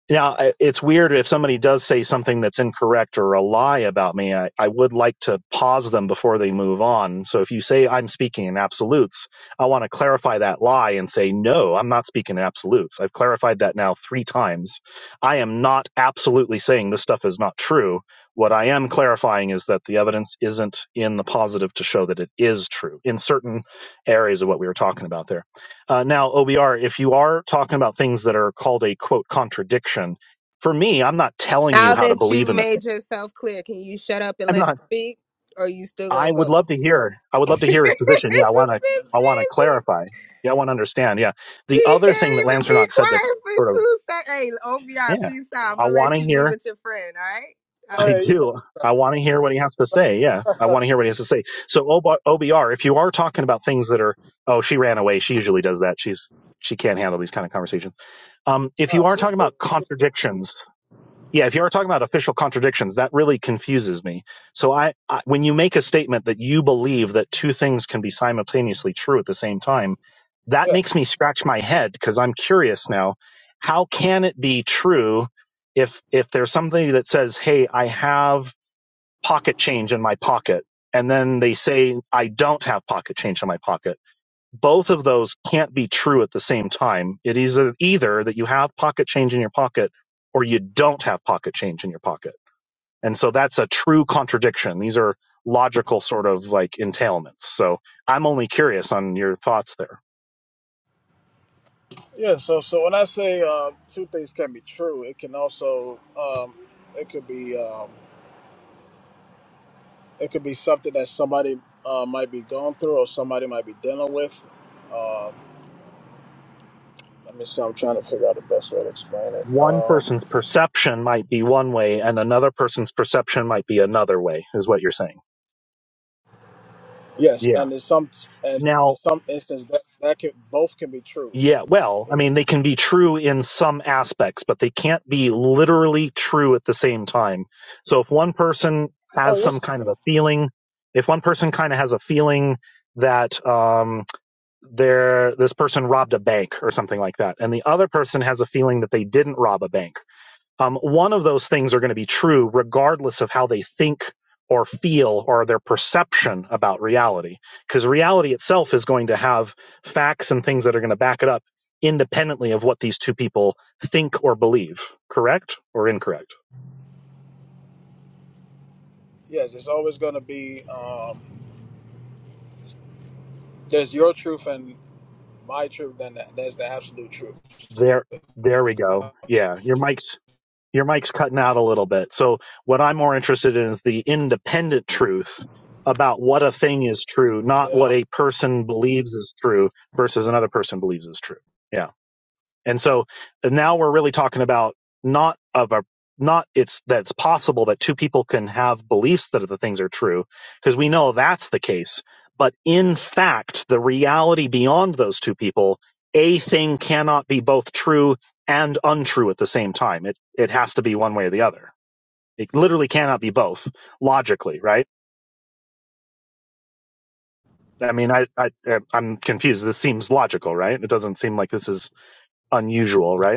Now I- it's weird if somebody does say something that's incorrect or a lie about me. I, I would like to pause them before they move on. So if you say I'm speaking in absolutes, I want to clarify that lie and say no, I'm not speaking in absolutes. I've clarified that now three times. I am not absolutely saying this stuff is not true. What I am clarifying is that the evidence isn't in the positive to show that it is true in certain areas of what we were talking about there. Uh, now, OBR, if you are talking about things that are called a quote contradiction, for me, I'm not telling you now how to that believe you in a thing. made yourself clear can you shut up and I'm let not. me speak or you still I gonna would go love to hear. I would love to this hear his position. Yeah, I want is to. shit I want to crazy. clarify. Yeah, I want to understand. Yeah. The He other can't thing that even be Lancernaut said that quiet sort for of two seconds. Hey, OBR, yeah, peace out. I'm I gonna want let to you be hear. with your friend, all go right? I ahead. You do. I want to hear what he has to say. Yeah, got, I want to hear what he has to say. So OBR, if you are talking about things that are oh, she ran away. She usually does that. She's she can't handle these kind of conversations. Um, if all you right, are she's- talking about contradictions, Yeah, if you are talking about official contradictions, that really confuses me. So I, I when you make a statement that you believe that two things can be simultaneously true at the same time, that makes yes. me scratch my head because I'm curious now, how can it be true if if there's something that says, "Hey, I have pocket change in my pocket." And then they say, "I don't have pocket change in my pocket." both of those can't be true at the same time. It is either that you have pocket change in your pocket or you don't have pocket change in your pocket. And so that's a true contradiction. These are logical sort of like entailments. So I'm only curious on your thoughts there. Yeah, so so when I say uh, two things can be true, it can also um, it could be um, it could be something that somebody uh, might be going through or somebody might be dealing with. Um, let me see. I'm trying to figure out the best way to explain it. One Um, person's perception might be one way and another person's perception might be another way is what you're saying. yes, Yeah. and in some and in Now, some instance that that can both can be true. Yeah, well, I You know. mean, they can be true in some aspects, but they can't be literally true at the same time. So if one person Oh has some yes. kind of a feeling, if one person kind of has a feeling that um, they're, this person robbed a bank or something like that, and the other person has a feeling that they didn't rob a bank, um, one of those things are going to be true regardless of how they think or feel or their perception about reality. Because reality itself is going to have facts and things that are going to back it up independently of what these two people think or believe. Correct or incorrect? Yes, it's always going to be. Um, there's your truth and my truth then that- there's the absolute truth There, there we go. Yeah, your mic's your mic's cutting out a little bit. So what I'm more interested in is the independent truth about what a thing is true, not yeah what a person believes is true versus another person believes is true. Yeah. And so uh, now we're really talking about not of a not it's that's possible that two people can have beliefs that the things are true because we know that's the case. But in fact, the reality beyond those two people, a thing cannot be both true and untrue at the same time. It it has to be one way or the other. It literally cannot be both logically, right? I mean, I, I I'm confused. This seems logical, right? It doesn't seem like this is unusual, right?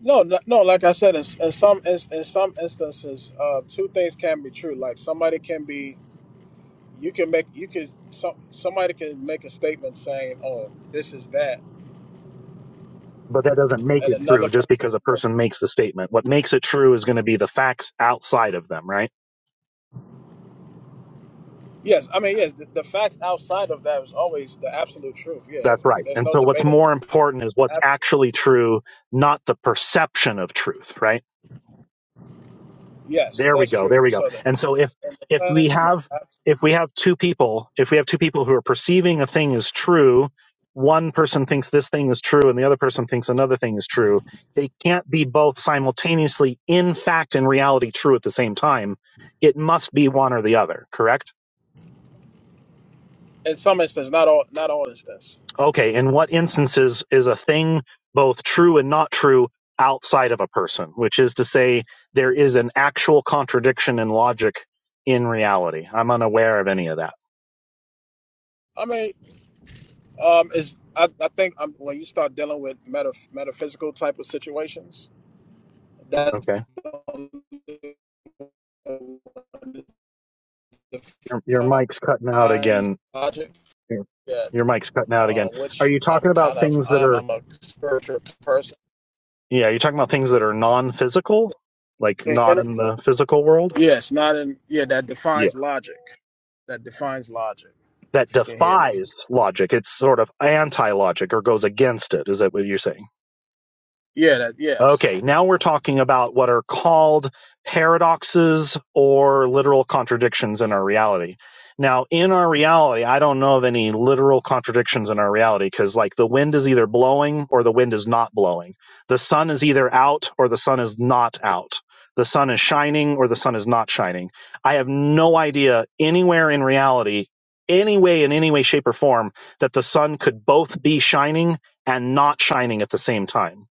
no no, no like i said in, in some in, in some instances uh two things can be true like somebody can be you can make you can some somebody can make a statement saying oh this is that but that doesn't make and it another true just because a person person makes the statement. What makes it true is going to be the facts outside of them, right? yes i mean yes the, the facts outside of that is always the absolute truth yeah That's right. there's And no so what's debating more important is what's that. Absolute- actually true, not the perception of truth, right? yes There we that's go. There true we go. so that And so if, if we have, if we have two people, if we have two people who are perceiving a thing as true, one person thinks this thing is true and the other person thinks another thing is true. They can't be both simultaneously in fact and reality true at the same time. It must be one or the other, correct? in some instance not all not all instance Okay, in what instances is a thing both true and not true outside of a person, which is to say there is an actual contradiction in logic in reality. I'm unaware of any of that. i mean Um, is I, I think um, when you start dealing with meta, metaphysical type of situations, that's Okay. um, Your your mic's cutting out defines again. logic. Your, Yeah, your mic's cutting out uh, again. Are which you I'm talking about kind of things that I'm are I'm a spiritual person. Yeah, you're talking about things that are non-physical, like Can you hear not me? in the physical world? Yes, not in yeah that Yeah. defines logic. That defines logic. That If you can hear me. defies logic. It's sort of anti-logic or goes against it. Is that what you're saying? Yeah, that yes. Okay, now we're talking about what are called paradoxes or literal contradictions in our reality. Now, in our reality, I don't know of any literal contradictions in our reality because, like, the wind is either blowing or the wind is not blowing. The sun is either out or the sun is not out. The sun is shining or the sun is not shining. I have no idea anywhere in reality, any way, in any way, shape, or form, that the sun could both be shining and not shining at the same time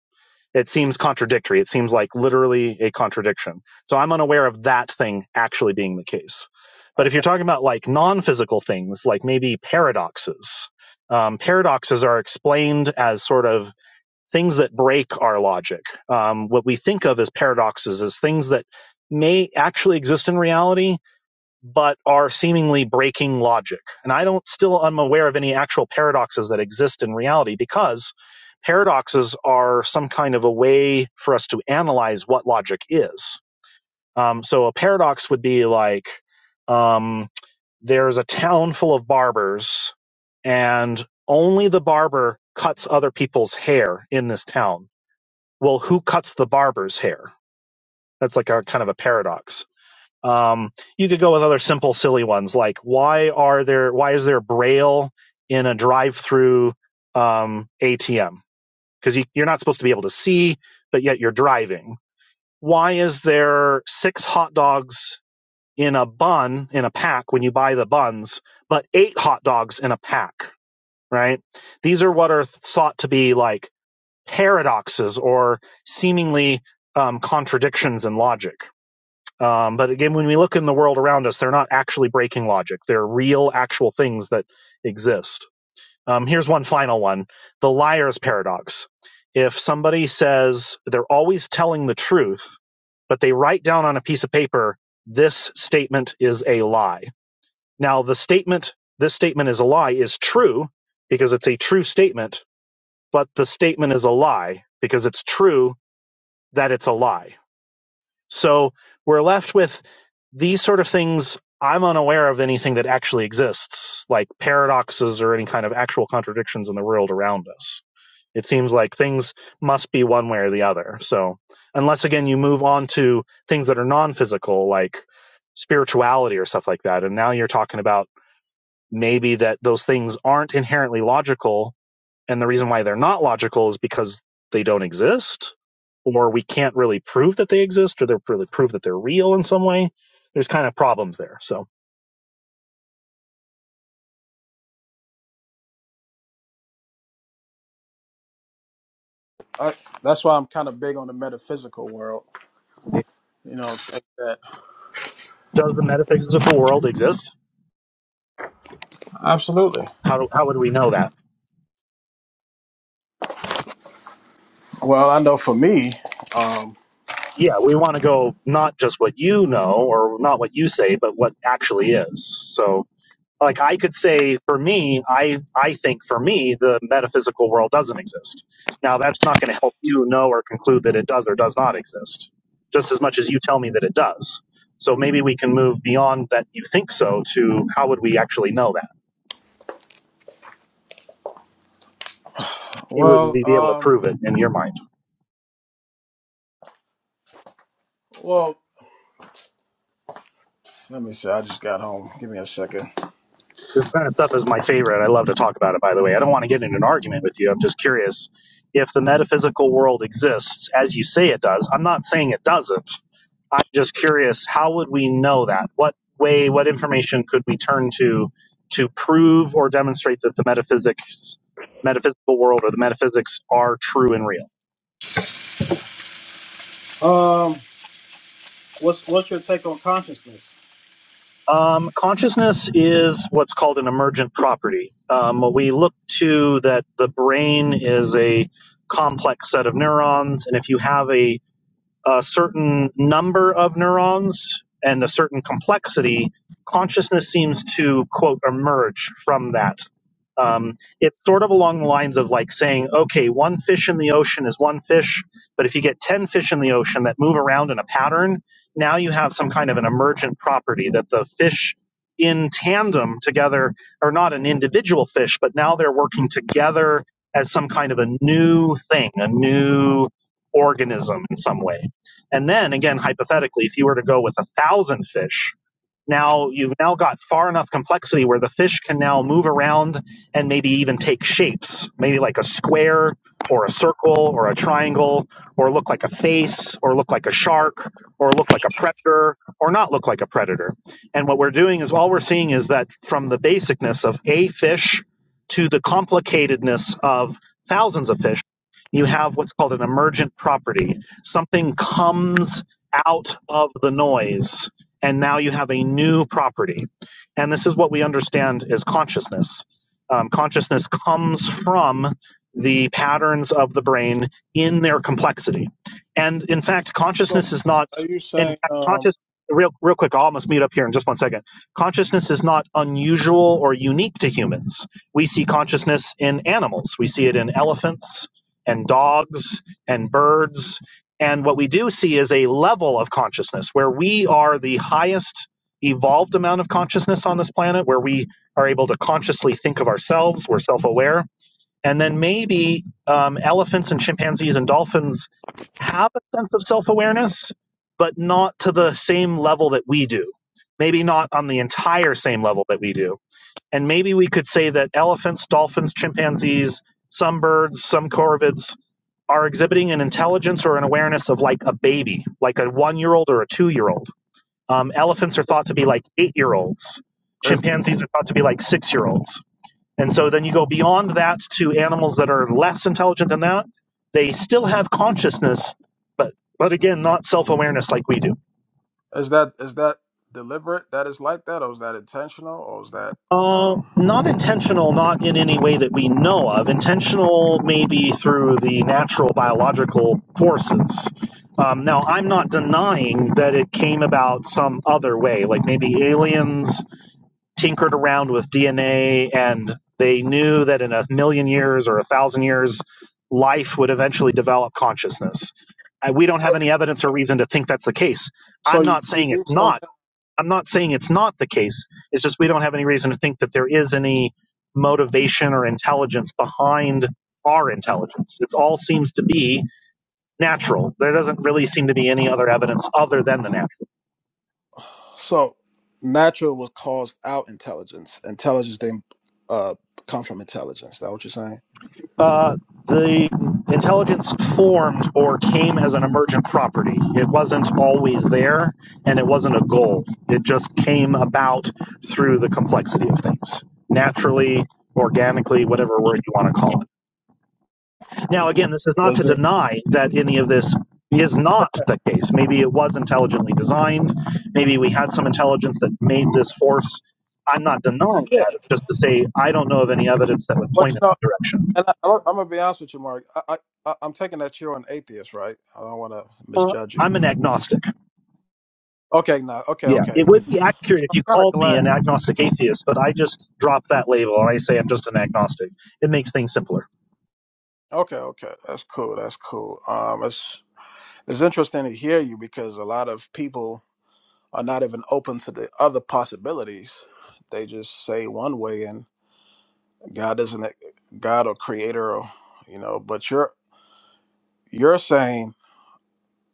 it seems contradictory. It seems like literally a contradiction. So I'm unaware of that thing actually being the case. I, But if you're talking about like non physical things, like maybe paradoxes, um, paradoxes are explained as sort of things that break our logic. Um, what we think of as paradoxes is things that may actually exist in reality but are seemingly breaking logic. And I don't still I'm aware of any actual paradoxes that exist in reality because paradoxes are some kind of a way for us to analyze what logic is. Um, so a paradox would be like um, there's a town full of barbers, and only the barber cuts other people's hair in this town. Well, who cuts the barber's hair? That's like a kind of a paradox um, you could go with other simple, silly ones like why are there why is there braille in a drive-through um, ATM? Because you, you're not supposed to be able to see, but yet you're driving. Why is there six hot dogs in a bun in a pack when you buy the buns, but eight hot dogs in a pack? Right? These are what are thought to be like paradoxes or seemingly um, contradictions in logic um, but again, when we look in the world around us, they're not actually breaking logic. They're real, actual things that exist. Um, here's one final one the liar's paradox. If somebody says they're always telling the truth, but they write down on a piece of paper, this statement is a lie. Now, the statement, this statement is a lie, is true because it's a true statement, but the statement is a lie because it's true that it's a lie so we're left with these sort of things. I'm unaware of anything that actually exists, like paradoxes or any kind of actual contradictions in the world around us. It seems like things must be one way or the other. So, unless again you move on to things that are non physical, like spirituality or stuff like that, and now you're talking about maybe that those things aren't inherently logical, and the reason why they're not logical is because they don't exist, or we can't really prove that they exist, or they're really prove that they're real in some way. There's kind of problems there. So, I, that's why I'm kind of big on the metaphysical world. You know, like that. does the metaphysical world exist? Absolutely. How, do, how would we know that? Well, I know for me, um, Yeah, we want to go not just what you know or not what you say, but what actually is. So, like I could say for me, I I think for me the metaphysical world doesn't exist. Now that's not going to help you know or conclude that it does or does not exist, just as much as you tell me that it does. So maybe we can move beyond that you think so to how would we actually know that? It would well, we be able to um, prove it in your mind? well, let me see. I just got home. Give me a second. This kind of stuff is my favorite. I love to talk about it. By the way, I don't want to get in an argument with you. I'm just curious if the metaphysical world exists as you say it does. I'm not saying it doesn't. I'm just curious, how would we know that? What way, what information could we turn to to prove or demonstrate that the metaphysics, metaphysical world or the metaphysics are true and real? Um, what's what's your take on consciousness? Um, consciousness is what's called an emergent property. Um, we look to that the brain is a complex set of neurons, and if you have a a certain number of neurons and a certain complexity, consciousness seems to quote emerge from that. Um, it's sort of along the lines of like saying, okay, one fish in the ocean is one fish, but if you get 10 fish in the ocean that move around in a pattern, now you have some kind of an emergent property that the fish in tandem together are not an individual fish, but now they're working together as some kind of a new thing, a new organism in some way. And then again, hypothetically, if you were to go with a thousand fish, now you've now got far enough complexity where the fish can now move around and maybe even take shapes, maybe like a square or a circle or a triangle or look like a face or look like a shark or look like a predator or not look like a predator. And what we're doing is all we're seeing is that from the basicness of a fish to the complicatedness of thousands of fish, you have what's called an emergent property. Something comes out of the noise and now you have a new property. And this is what we understand as consciousness. Um, consciousness comes from the patterns of the brain in their complexity. And in fact, So, consciousness is not, are you in saying fact, um, conscious, real, real quick, I'll almost mute up here in just one second. Consciousness is not unusual or unique to humans. We see consciousness in animals, we see it in elephants and dogs and birds and what we do see is a level of consciousness where we are the highest evolved amount of consciousness on this planet, where we are able to consciously think of ourselves, we're self aware. And then maybe um, elephants and chimpanzees and dolphins have a sense of self awareness, but not to the same level that we do. Maybe not on the entire same level that we do. And maybe we could say that elephants, dolphins, chimpanzees, some birds, some corvids, are exhibiting an intelligence or an awareness of like a baby, like a one year old or a two year old. Um, elephants are thought to be like eight year olds. is Chimpanzees are thought to be like six year olds. And so then you go beyond that to animals that are less intelligent than that. They still have consciousness, but but again, not self awareness like we do. is that is that deliberate? That is like that, or is that intentional, or is that Uh, um? not intentional, not in any way that we know of. Intentional maybe through the natural biological forces. Um, now, I'm not denying that it came about some other way, like maybe aliens tinkered around with DNA and they knew that in a million years or a thousand years, life would eventually develop consciousness. Uh, We don't have any evidence or reason to think that's the case. So I'm you, not you saying do it's not sometimes. I'm not saying it's not the case. It's just we don't have any reason to think that there is any motivation or intelligence behind our intelligence. It all seems to be natural. There doesn't really seem to be any other evidence other than the natural. So natural was caused out intelligence. Intelligence didn't uh come from intelligence. Is that what you're saying? Uh, the intelligence formed or came as an emergent property. It wasn't always there, and it wasn't a goal. It just came about through the complexity of things, naturally, organically, whatever word you want to call it. Now, again, this is not Was to it? deny that any of this is not the case. Maybe it was intelligently designed. Maybe we had some intelligence that made this force. I'm not denying Yeah. that. It's just to say I don't know of any evidence that would But point you in know, that direction. And I, I'm gonna be honest with you, Mark. I, I, I- I'm taking that you're an atheist, right? I don't want to Uh, misjudge you. I'm an agnostic. Okay, no, okay, Yeah, okay. it I'm would be accurate if you kind of called me glad. an agnostic atheist, but I just drop that label and I say I'm just an agnostic. It makes things simpler. Okay, okay, that's cool. That's cool. Um, it's it's interesting to hear you because a lot of people are not even open to the other possibilities. They just say one way, and God isn't a- God or Creator, or you know. But you're you're saying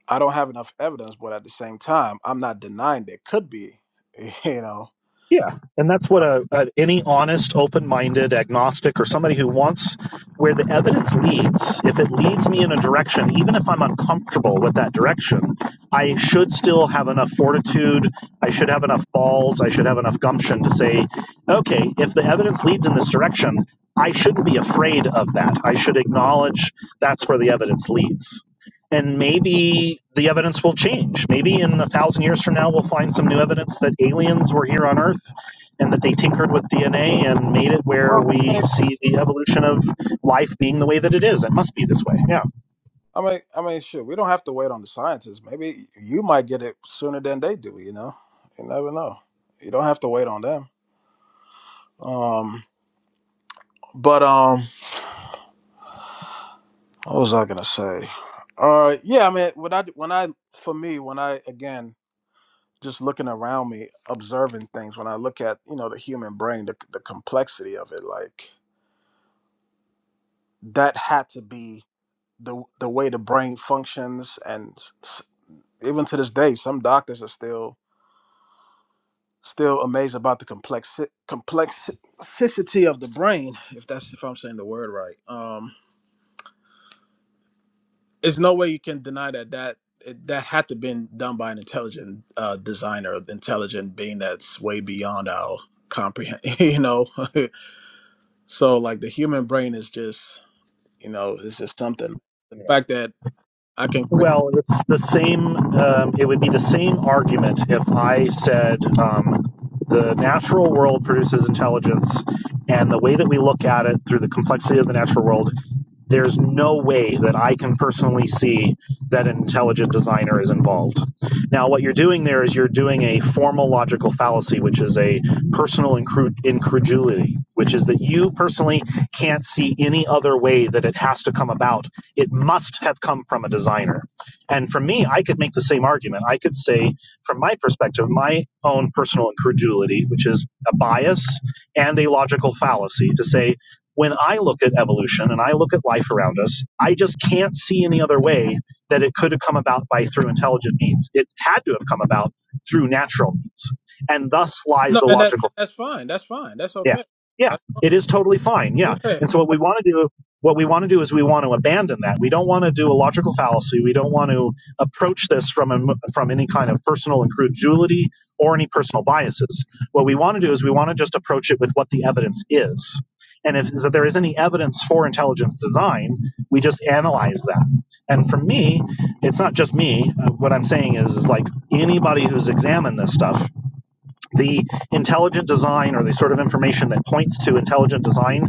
I don't have enough evidence, but at the same time, I'm not denying there could be, you know. Yeah, and that's what a, a any honest, open-minded agnostic or somebody who wants where the evidence leads, if it leads me in a direction, even if I'm uncomfortable with that direction, I should still have enough fortitude, I should have enough balls, I should have enough gumption to say, okay, if the evidence leads in this direction, I shouldn't be afraid of that. I should acknowledge that's where the evidence leads and maybe the evidence will change. Maybe in a thousand years from now, we'll find some new evidence that aliens were here on Earth and that they tinkered with DNA and made it where we see the evolution of life being the way that it is. It must be this way. Yeah. I mean, I mean, sure, we don't have to wait on the scientists. Maybe you might get it sooner than they do. You know, you never know. You don't have to wait on them. Um, but um, what was I gonna say? Uh, yeah, I mean, when I when I for me when I again just looking around me, observing things. When I look at you know the human brain, the the complexity of it, like that had to be the the way the brain functions, and s- even to this day, some doctors are still Still amazed about the complex complexity of the brain, if that's if I'm saying the word right. Um, there's no way you can deny that that it, that had to been done by an intelligent uh, designer, intelligent being that's way beyond our comprehend. You know, so like the human brain is just you know it's just something. The fact that I can create Well, it's the same. Um, it would be the same argument if I said um, the natural world produces intelligence, and the way that we look at it through the complexity of the natural world, there's no way that I can personally see that an intelligent designer is involved. Now, what you're doing there is you're doing a formal logical fallacy, which is a personal incru- incredulity, which is that you personally can't see any other way that it has to come about it must have come from a designer. And for me, I could make the same argument. I could say, from my perspective, my own personal incredulity, which is a bias and a logical fallacy, to say, when I look at evolution and I look at life around us, I just can't see any other way that it could have come about by through intelligent means. It had to have come about through natural means. And thus lies no, the and that logical and that's fine. That's fine. That's yeah. okay. Yeah. That's, It is totally fine. Yeah. yeah. And so what we want to do what we want to do is we want to abandon that. We don't want to do a logical fallacy. We don't want to approach this from a, from any kind of personal incredulity or any personal biases. What we want to do is we want to just approach it with what the evidence is. And if so there is any evidence for intelligence design, we just analyze that. And for me, it's not just me. Uh, what I'm saying is, is like anybody who's examined this stuff the intelligent design or the sort of information that points to intelligent design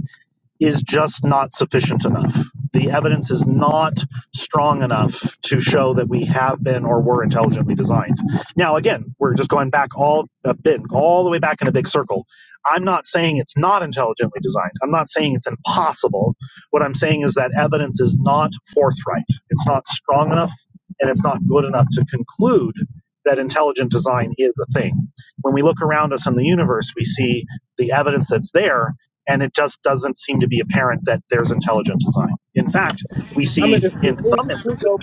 is just not sufficient enough. The evidence is not strong enough to show that we have been or were intelligently designed. Now, again, we're just going back all a bit, all the way back in a big circle. I'm not saying it's not intelligently designed. I'm not saying it's impossible. What I'm saying is that evidence is not forthright. It's not strong enough, and it's not good enough to conclude that intelligent design is a thing. When we look around us in the universe, we see the evidence that's there, and it just doesn't seem to be apparent that there's intelligent design. In fact, we I mean, see if, in if, we, some if we instances, go,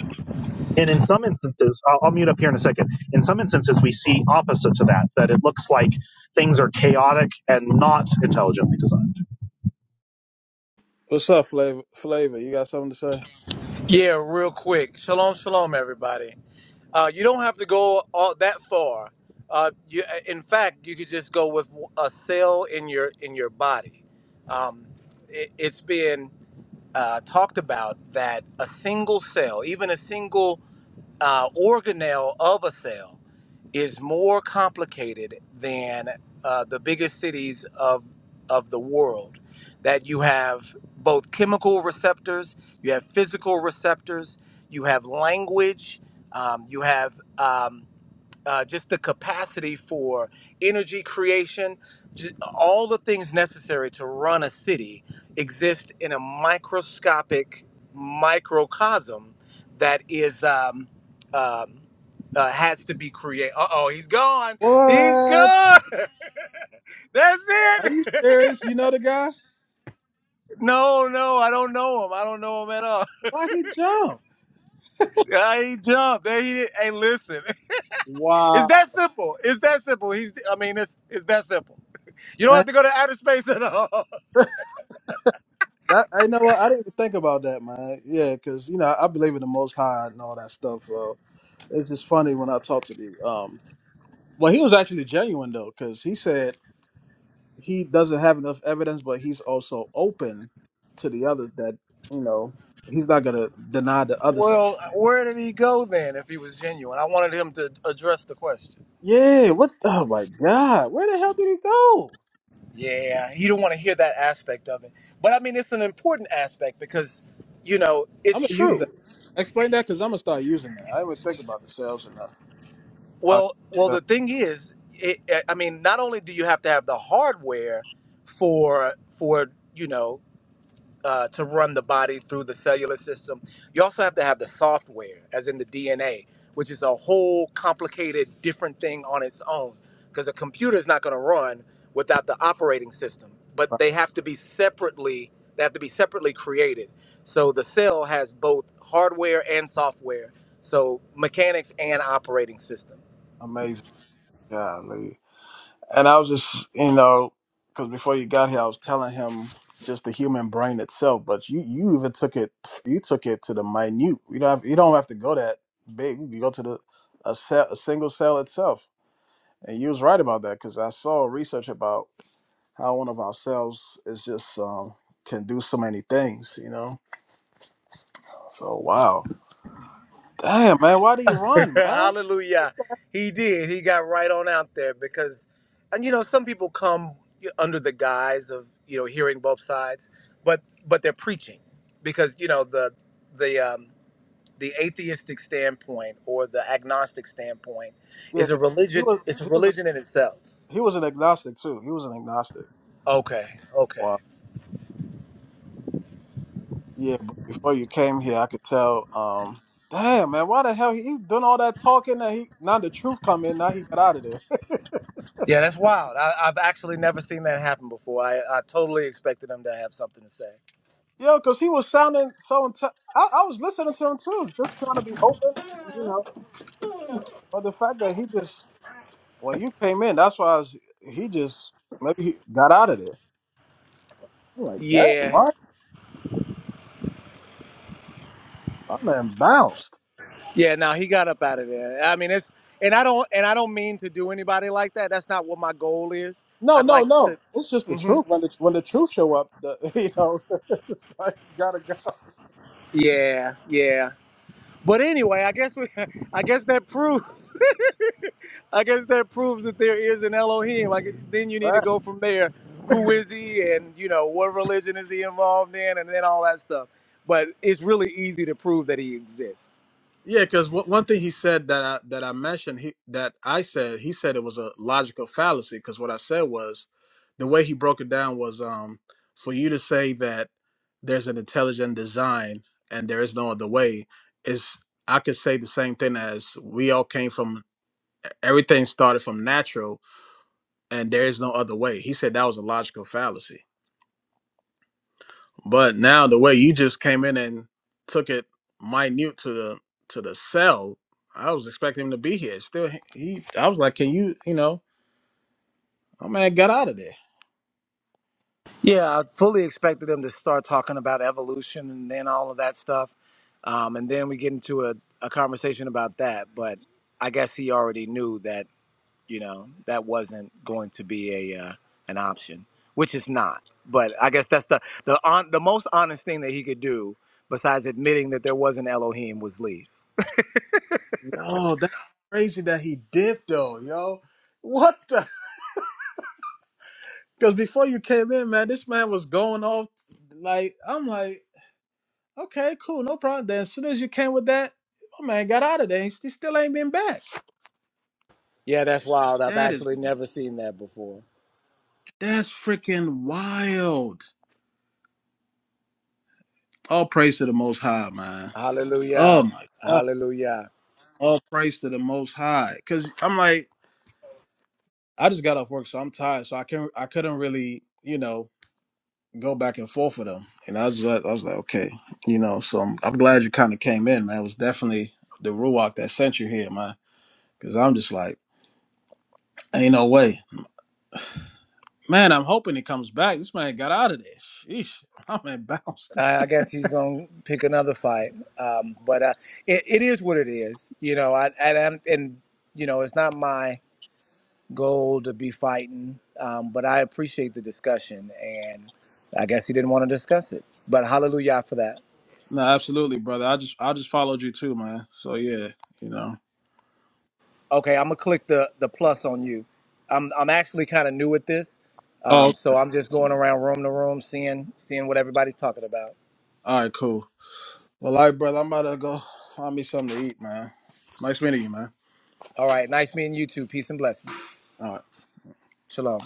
and in some instances, I'll, I'll mute up here in a second. In some instances, we see opposite to that, that it looks like things are chaotic and not intelligently designed. what's up, flavor? Flavor, you got something to say? Yeah, real quick. Shalom, shalom, everybody. Uh, you don't have to go all that far. Uh, you, in fact, you could just go with a cell in your in your body. Um, it, it's been uh, talked about that a single cell, even a single uh, organelle of a cell is more complicated than uh, the biggest cities of of the world. That you have both chemical receptors, you have physical receptors, you have language, um, you have um, uh, just the capacity for energy creation, ju- all the things necessary to run a city exist in a microscopic microcosm that is um, um, uh, has to be created. Uh oh, he's gone. He's What? gone. That's Are it. you serious? You know the guy? No, no, I don't know him. I don't know him at all. Why he jumped? Yeah, he jumped. There he. did. Hey, listen, it's Wow. that simple. It's that simple. He's. I mean, it's it's that simple. You don't Man, have to go to outer space at all. That, I know what I didn't even think about that, man. Yeah, because you know I believe in the Most High and all that stuff. So it's just funny when I talk to the um. Well, he was actually genuine though, because he said he doesn't have enough evidence, but he's also open to the other that you know he's not gonna deny the other. side. Well, where did he go then if he was genuine? I wanted him to address the question. Yeah. What? Oh my God. Where the hell did he go? Yeah, you don't want to hear that aspect of it. But I mean, it's an important aspect because, you know, I'm it's gonna use that. true. Explain that because I'm gonna start using that. I didn't think about the sales and that. Well, well, Uh, the thing is, it, I mean, not only do you have to have the hardware for for you know uh, to run the body through the cellular system. You also have to have the software, as in the DNA, which is a whole complicated, different thing on its own, because a computer is not going to run without the operating system. But uh, they have to be separately. They have to be separately created. So the cell has both hardware and software. So mechanics and operating system. amazing, golly. And I was just, you know, because before you got here, I was telling him just the human brain itself. But you, you even took it, you took it to the minute. You don't have, you don't have to go that big. You go to the a, cell, a single cell itself. And you was right about that because I saw research about how one of our cells is just um, can do so many things. You know, so wow. Damn, man, why do you run, man? Hallelujah. He did. He got right on out there because, and you know, some people come under the guise of you know hearing both sides, but but they're preaching because you know the the um, the atheistic standpoint or the agnostic standpoint Yeah, is a 'cause he religion. was It's a he was religion in itself. he was an agnostic too. He was an agnostic. Okay. Okay. Wow. Yeah, but before you came here, I could tell. Um, damn, man, why the hell he, he doing all that talking? That he now the truth come in. Now he got out of there. Yeah, that's wild. I, I've actually never seen that happen before. I, I totally expected them to have something to say. Yo, because he was sounding so. Inte- I, I was listening to him too, just trying to be open, you know. But the fact that he just when you came in, that's why I was, he just maybe he got out of there. I'm like that, Yeah. what? My man bounced. Yeah, no, he got up out of there. I mean, it's and I don't and I don't mean to do anybody like that. That's not what my goal is. No, I'd no, like to. no. It's just the hmm truth. When the when the truth show up, the you know, it's like you gotta go. Yeah, yeah. But anyway, I guess we, I guess that proves, I guess that proves that there is an Elohim. Like then you need to Right. go from there. Who is he, and you know what religion is he involved in, and then all that stuff. But it's really easy to prove that he exists. Yeah, because one thing he said that I, that I mentioned he that I said he said it was a logical fallacy because what I said was the way he broke it down was um for you to say that there's an intelligent design and there is no other way is I could say the same thing as we all came from everything started from natural and there is no other way. He said that was a logical fallacy But now the way you just came in and took it minute to the to the cell, I was expecting him to be here. Still, he he- I was like, can you, you know, my man got out of there. Yeah, I fully expected them to start talking about evolution and then all of that stuff. Um, and then we get into a, a conversation about that. But I guess he already knew that, you know, that wasn't going to be a uh, an option, which is not. But I guess that's the the on, the most honest thing that he could do besides admitting that there was an Elohim was leave. Yo, that's crazy that he did though, yo. What the? Because before you came in, man, this man was going off. Like I'm like, okay, cool, no problem. Then as soon as you came with that, my man got out of there. He st- still ain't been back. Yeah, that's wild. I've That is actually never seen that before. that's freaking wild. All praise to the Most High, man. Oh Hallelujah. my God. Hallelujah. All praise to the most high. Cause I'm like, I just got off work, so I'm tired. So I can't I couldn't really, you know, go back and forth with them. And I was like, I was like, okay, you know, so I'm, I'm glad you kinda came in, man. It was definitely the Ruach that sent you here, man. Cause I'm just like, ain't no way. Man, I'm hoping he comes back. This man got out of there. Sheesh. I'm embarrassed. I I guess he's going to pick another fight. Um, but uh, it, it is what it is, you know. I and, I'm- and you know, it's not my goal to be fighting, um, but I appreciate the discussion, and I guess he didn't want to discuss it. But hallelujah for that. No, absolutely, brother. I just I just followed you too, man. So yeah, you know. Okay, I'm gonna click the the plus on you. I'm I'm actually kind of new at this, Oh, um, so I'm just going around room to room, seeing seeing what everybody's talking about. all right, cool. Well, all right, brother, I'm about to go find me something to eat, man. Nice meeting you, man. All right, nice meeting you too. Peace and blessings. All right. Shalom.